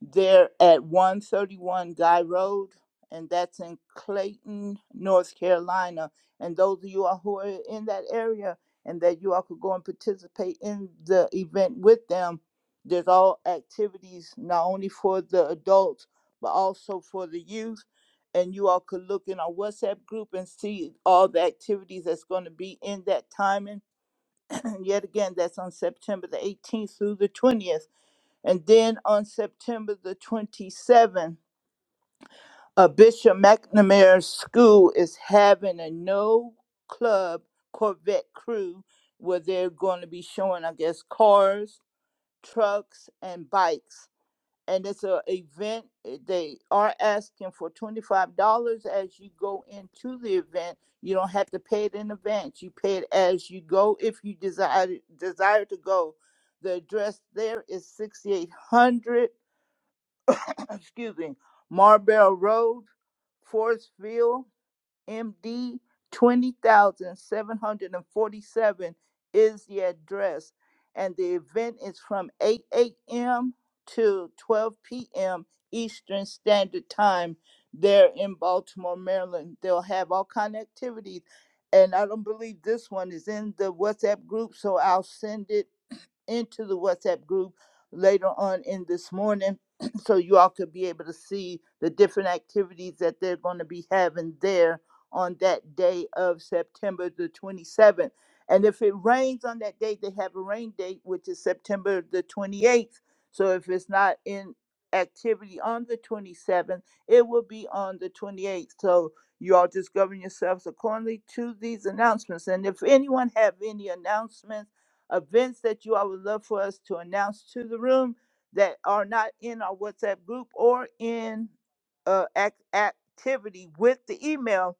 they're at 131 Guy Road, and that's in Clayton, North Carolina. And those of you all who are in that area and that you all could go and participate in the event with them, there's all activities not only for the adults, but also for the youth. And you all could look in our WhatsApp group and see all the activities that's going to be in that timing. yet again, that's on September the 18th through the 20th and then on September the 27th, uh, Bishop McNamara's School is having a no club Corvette crew where they're going to be showing, I guess, cars, trucks, and bikes. And it's an event. eh, They are asking for $25 as you go into the event. You don't have to pay it in advance. You pay it as you go if you desire desire to go. The address there is 6800 excuse me, Marbell Road, Forestville, MD 20747 is the address. And the event is from 8 a.m. to 12 p.m. Eastern Standard Time there in Baltimore, Maryland. They'll have all kind of activities. And I don't believe this one is in the WhatsApp group, so I'll send it into the WhatsApp group later on in this morning so you all could be able to see the different activities that they're going to be having there on that day of September the 27th. And if it rains on that day, they have a rain date, which is September the 28th. So if it's not in activity on the 27th, it will be on the 28th. So you all just govern yourselves accordingly to these announcements. And if anyone have any announcements, events that you all would love for us to announce to the room that are not in our WhatsApp group or in uh, ac- activity with the email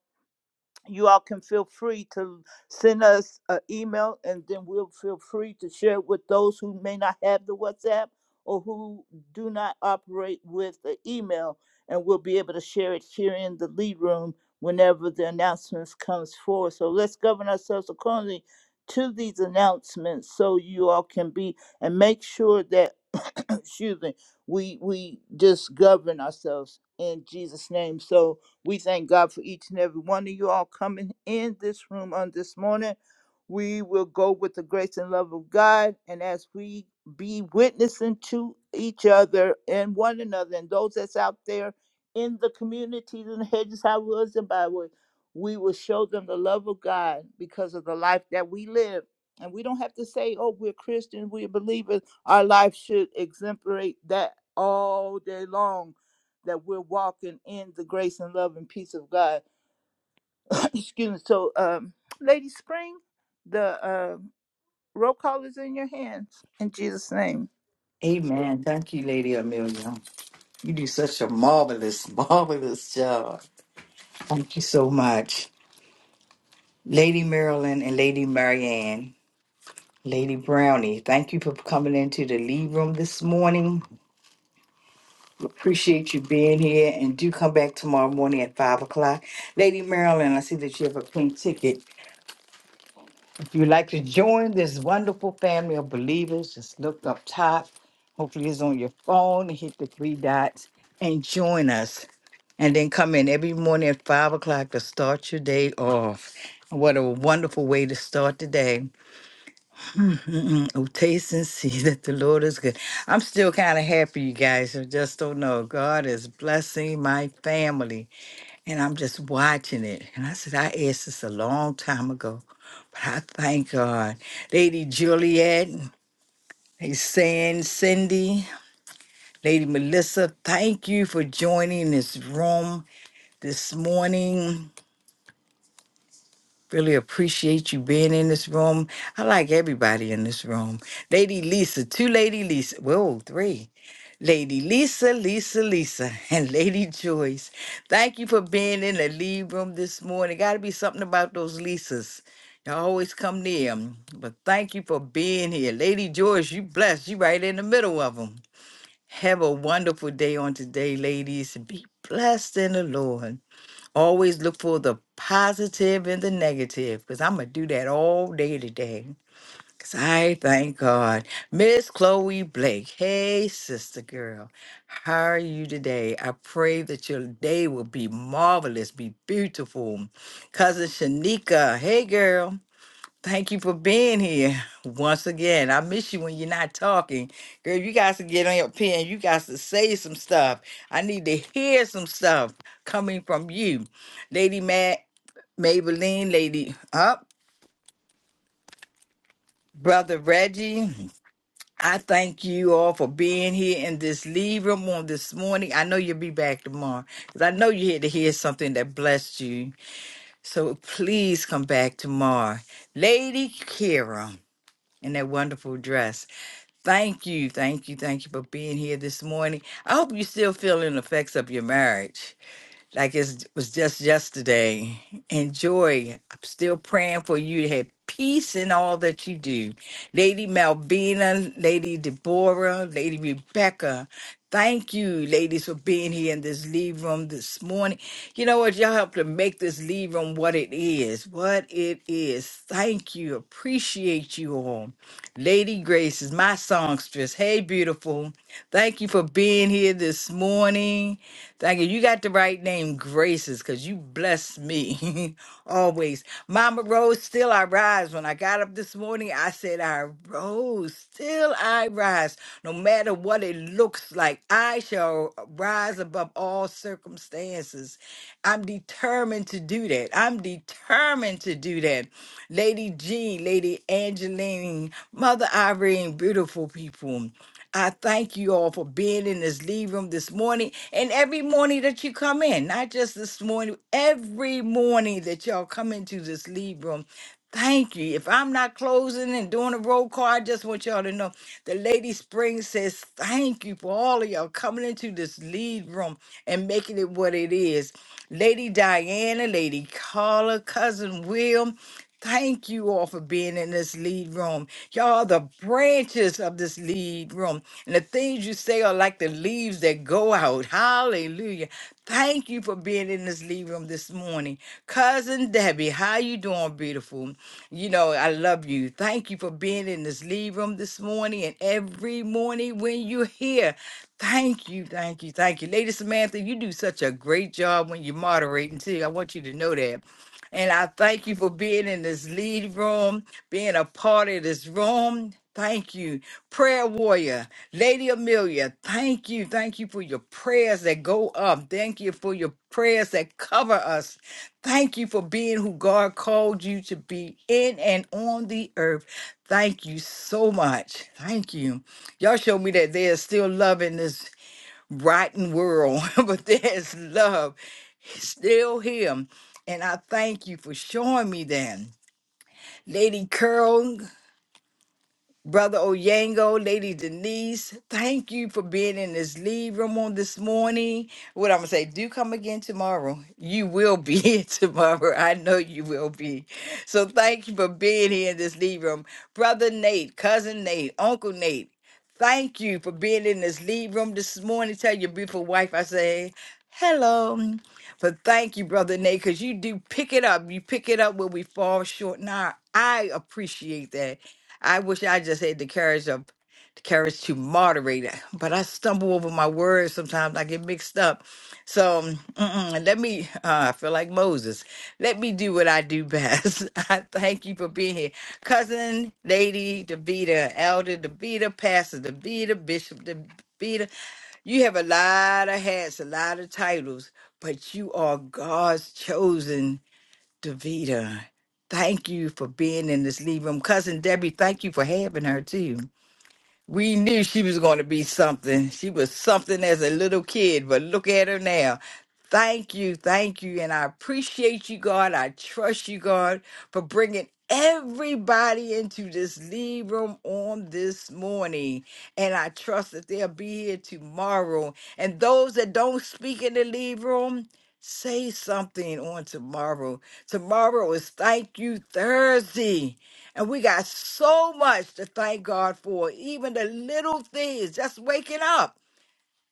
you all can feel free to send us an email and then we'll feel free to share it with those who may not have the WhatsApp or who do not operate with the email and we'll be able to share it here in the lead room whenever the announcements comes forward. So let's govern ourselves accordingly to these announcements so you all can be and make sure that excuse me, we we just govern ourselves in Jesus' name. So we thank God for each and every one of you all coming in this room on this morning. We will go with the grace and love of God. And as we be witnessing to each other and one another and those that's out there in the communities and the hedges, highways, and byways, we will show them the love of God because of the life that we live. And we don't have to say, oh, we're Christians, we're believers. Our life should exemplate that all day long that we're walking in the grace and love and peace of God. Excuse me. So, um, Lady Spring, the uh, roll call is in your hands in Jesus' name. Amen. Thank you, Lady Amelia. You do such a marvelous, marvelous job. Thank you so much. Lady Marilyn and Lady Marianne, Lady Brownie, thank you for coming into the lead room this morning. Appreciate you being here and do come back tomorrow morning at five o'clock. Lady Marilyn, I see that you have a pink ticket. If you'd like to join this wonderful family of believers, just look up top. Hopefully, it's on your phone. Hit the three dots and join us. And then come in every morning at five o'clock to start your day off. What a wonderful way to start the day. Mm, Oh, taste and see that the Lord is good. I'm still kind of happy, you guys. I just don't know. God is blessing my family, and I'm just watching it. And I said, I asked this a long time ago, but I thank God. Lady Juliet, hey, saying Cindy, Lady Melissa, thank you for joining this room this morning. Really appreciate you being in this room. I like everybody in this room. Lady Lisa, two Lady Lisa, whoa, three. Lady Lisa, Lisa, Lisa, and Lady Joyce. Thank you for being in the lead room this morning. Got to be something about those Lisas. Y'all always come near 'em. But thank you for being here. Lady Joyce, you blessed. You right in the middle of them. Have a wonderful day on today, ladies. Be blessed in the Lord. Always look for the positive and the negative because I'm going to do that all day today. Because I thank God. Miss Chloe Blake. Hey, sister girl. How are you today? I pray that your day will be marvelous, be beautiful. Cousin Shanika. Hey, girl. Thank you for being here once again. I miss you when you're not talking. Girl, you guys to get on your pen. You guys to say some stuff. I need to hear some stuff coming from you. Lady Matt, Maybelline, Lady Up, Brother Reggie. I thank you all for being here in this leave room on this morning. I know you'll be back tomorrow because I know you're here to hear something that blessed you. So please come back tomorrow. Lady Kira in that wonderful dress. Thank you, thank you, thank you for being here this morning. I hope you're still feeling the effects of your marriage like it's- it was just yesterday. And joy, I'm still praying for you to have peace in all that you do. Lady Malvina, Lady Deborah, Lady Rebecca, thank you, ladies, for being here in this leave room this morning. You know what? Y'all helped to make this leave room what it is. What it is. Thank you. Appreciate you all. Lady Grace is my songstress. Hey, beautiful. Thank you for being here this morning. Thank you. You got the right name, Graces, because you bless me always. Mama Rose, still I rise. When I got up this morning, I said, I rose, still I rise. No matter what it looks like, I shall rise above all circumstances. I'm determined to do that. I'm determined to do that. Lady G, Lady Angeline, Mother Irene, beautiful people. I thank you all for being in this lead room this morning and every morning that you come in, not just this morning, every morning that y'all come into this lead room. Thank you. If I'm not closing and doing a roll call, I just want y'all to know the Lady Spring says thank you for all of y'all coming into this lead room and making it what it is. Lady Diana, Lady Carla, Cousin Will, Thank you all for being in this lead room. Y'all, are the branches of this lead room and the things you say are like the leaves that go out. Hallelujah. Thank you for being in this lead room this morning. Cousin Debbie, how you doing, beautiful? You know, I love you. Thank you for being in this lead room this morning and every morning when you're here. Thank you, thank you, thank you. Lady Samantha, you do such a great job when you're moderating too. I want you to know that. And I thank you for being in this lead room, being a part of this room. Thank you. Prayer warrior, Lady Amelia, thank you. Thank you for your prayers that go up. Thank you for your prayers that cover us. Thank you for being who God called you to be in and on the earth. Thank you so much. Thank you. Y'all show me that there's still love in this rotten world, but there's love still here. And I thank you for showing me that. Lady Curl, Brother Oyango, Lady Denise, thank you for being in this lead room on this morning. What I'm gonna say, do come again tomorrow. You will be here tomorrow. I know you will be. So thank you for being here in this lead room. Brother Nate, cousin Nate, Uncle Nate, thank you for being in this lead room this morning. Tell your beautiful wife I say hello. But thank you, Brother Nate, because you do pick it up. You pick it up when we fall short. Now I appreciate that. I wish I just had the courage of the courage to moderate it, but I stumble over my words sometimes. I get mixed up. So mm-mm, let me, uh, I feel like Moses. Let me do what I do best. I thank you for being here. Cousin, Lady DeVita, Elder DeVita, Pastor DeVita, Bishop DeVita. You have a lot of hats, a lot of titles, but you are God's chosen Davita, thank you for being in this lead room. Cousin Debbie, thank you for having her too. We knew she was going to be something. She was something as a little kid, but look at her now. Thank you, thank you. And I appreciate you, God. I trust you, God, for bringing everybody into this lead room on this morning. And I trust that they'll be here tomorrow. And those that don't speak in the lead room, say something on tomorrow. Tomorrow is Thank You Thursday. And we got so much to thank God for, even the little things, just waking up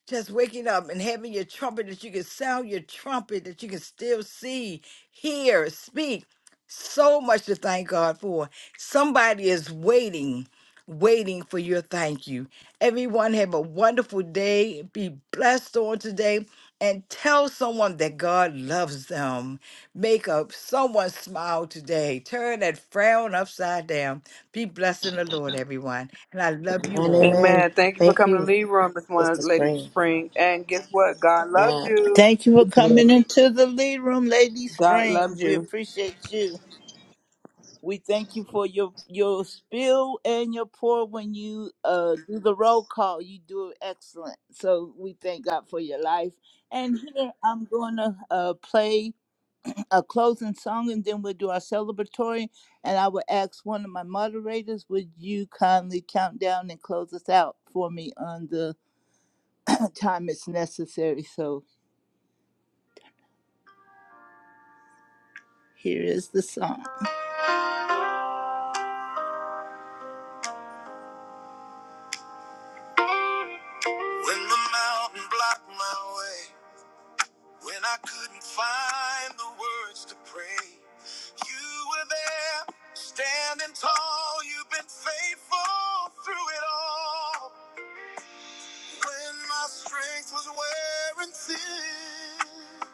just waking up and having your trumpet that you can sound your trumpet that you can still see hear speak so much to thank god for somebody is waiting waiting for your thank you everyone have a wonderful day be blessed on today and tell someone that god loves them make up someone smile today turn that frown upside down be blessed in the lord everyone and i love you Amen. all Amen. Amen. Thank you for Thank coming to you, Lead Room this Sister morning, Lady Spring. Spring. And guess what? God loves Yes. you. Thank you for coming into the lead room, Lady God Spring. loves We you. appreciate you. We thank you for your your spill and your pour when you uh, do the roll call. You do it excellent. So we thank God for your life. And here I'm going to uh, play. a closing song and then we'll do our celebratory. And I will ask one of my moderators, would you kindly count down and close us out for me on the uh, time it's necessary? So here is the song. When the mountain blocked my way, when I couldn't find the words to pray, you were there, standing tall. You've been faithful through it all. When my strength was wearing thin.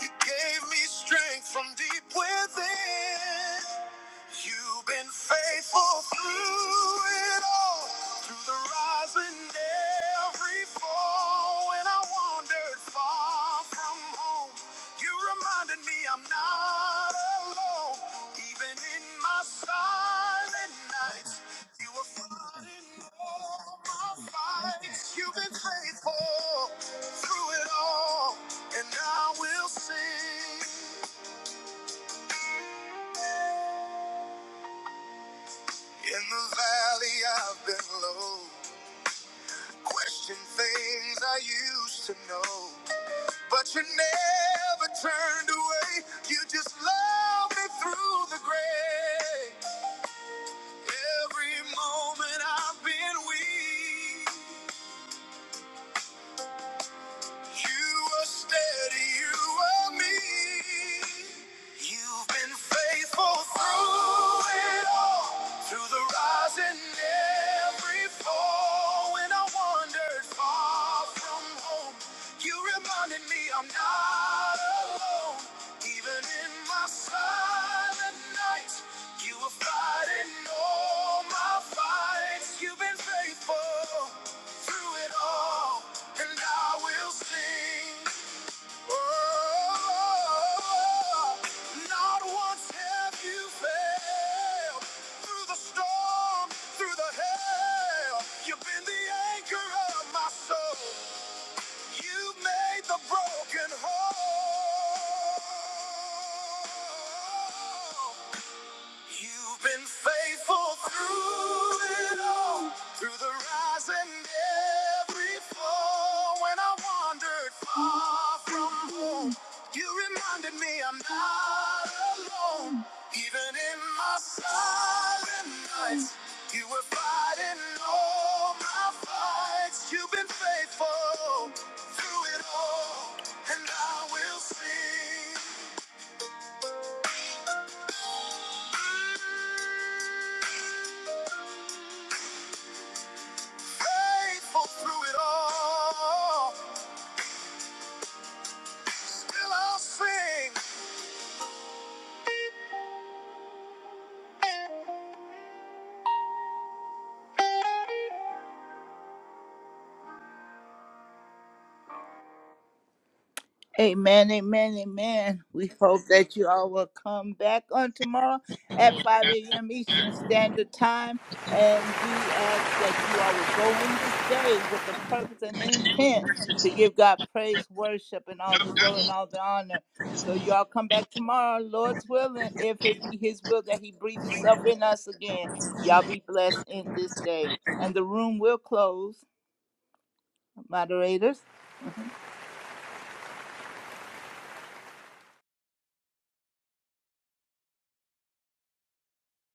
You gave me strength from deep within. You've been faithful through it all, through the rise and every fall. When I wandered far from home, you reminded me I'm not alone. Even in my silent nights, you were fighting all my fights. You've been faithful through it all, and I will sing. In the valley I've been low. Question things I used to know. But you never turned away. You just loved me through the gray. Every moment I've been weak. You were steady, you were me. You've been faithful through it all, through the rise and every fall. When I wandered far from home, you reminded me I'm not alone. Even in my silent nights, you were fighting all my fights. You've been faithful through it all, and I will sing. Oh, not once have you failed. Through the storm, through the hail, you've been the anchor of my soul. You made the broken whole. You've been faithful through it all, through the rise and every fall. When I wandered far from home, you reminded me I'm not alone. Even in my silent nights, you were fighting all my fights. You've been faithful through it all, and I will sing. Faithful through it all, still I'll sing. Amen, amen, amen. We hope that you all will come back on tomorrow at 5 a.m. Eastern Standard Time. And we ask that you all will go in this day with the purpose and intent to give God praise, worship, and all the glory and all the honor. So you all come back tomorrow, Lord's willing, if it be His will that He breathes Himself in us again. Y'all be blessed in this day. And the room will close, moderators.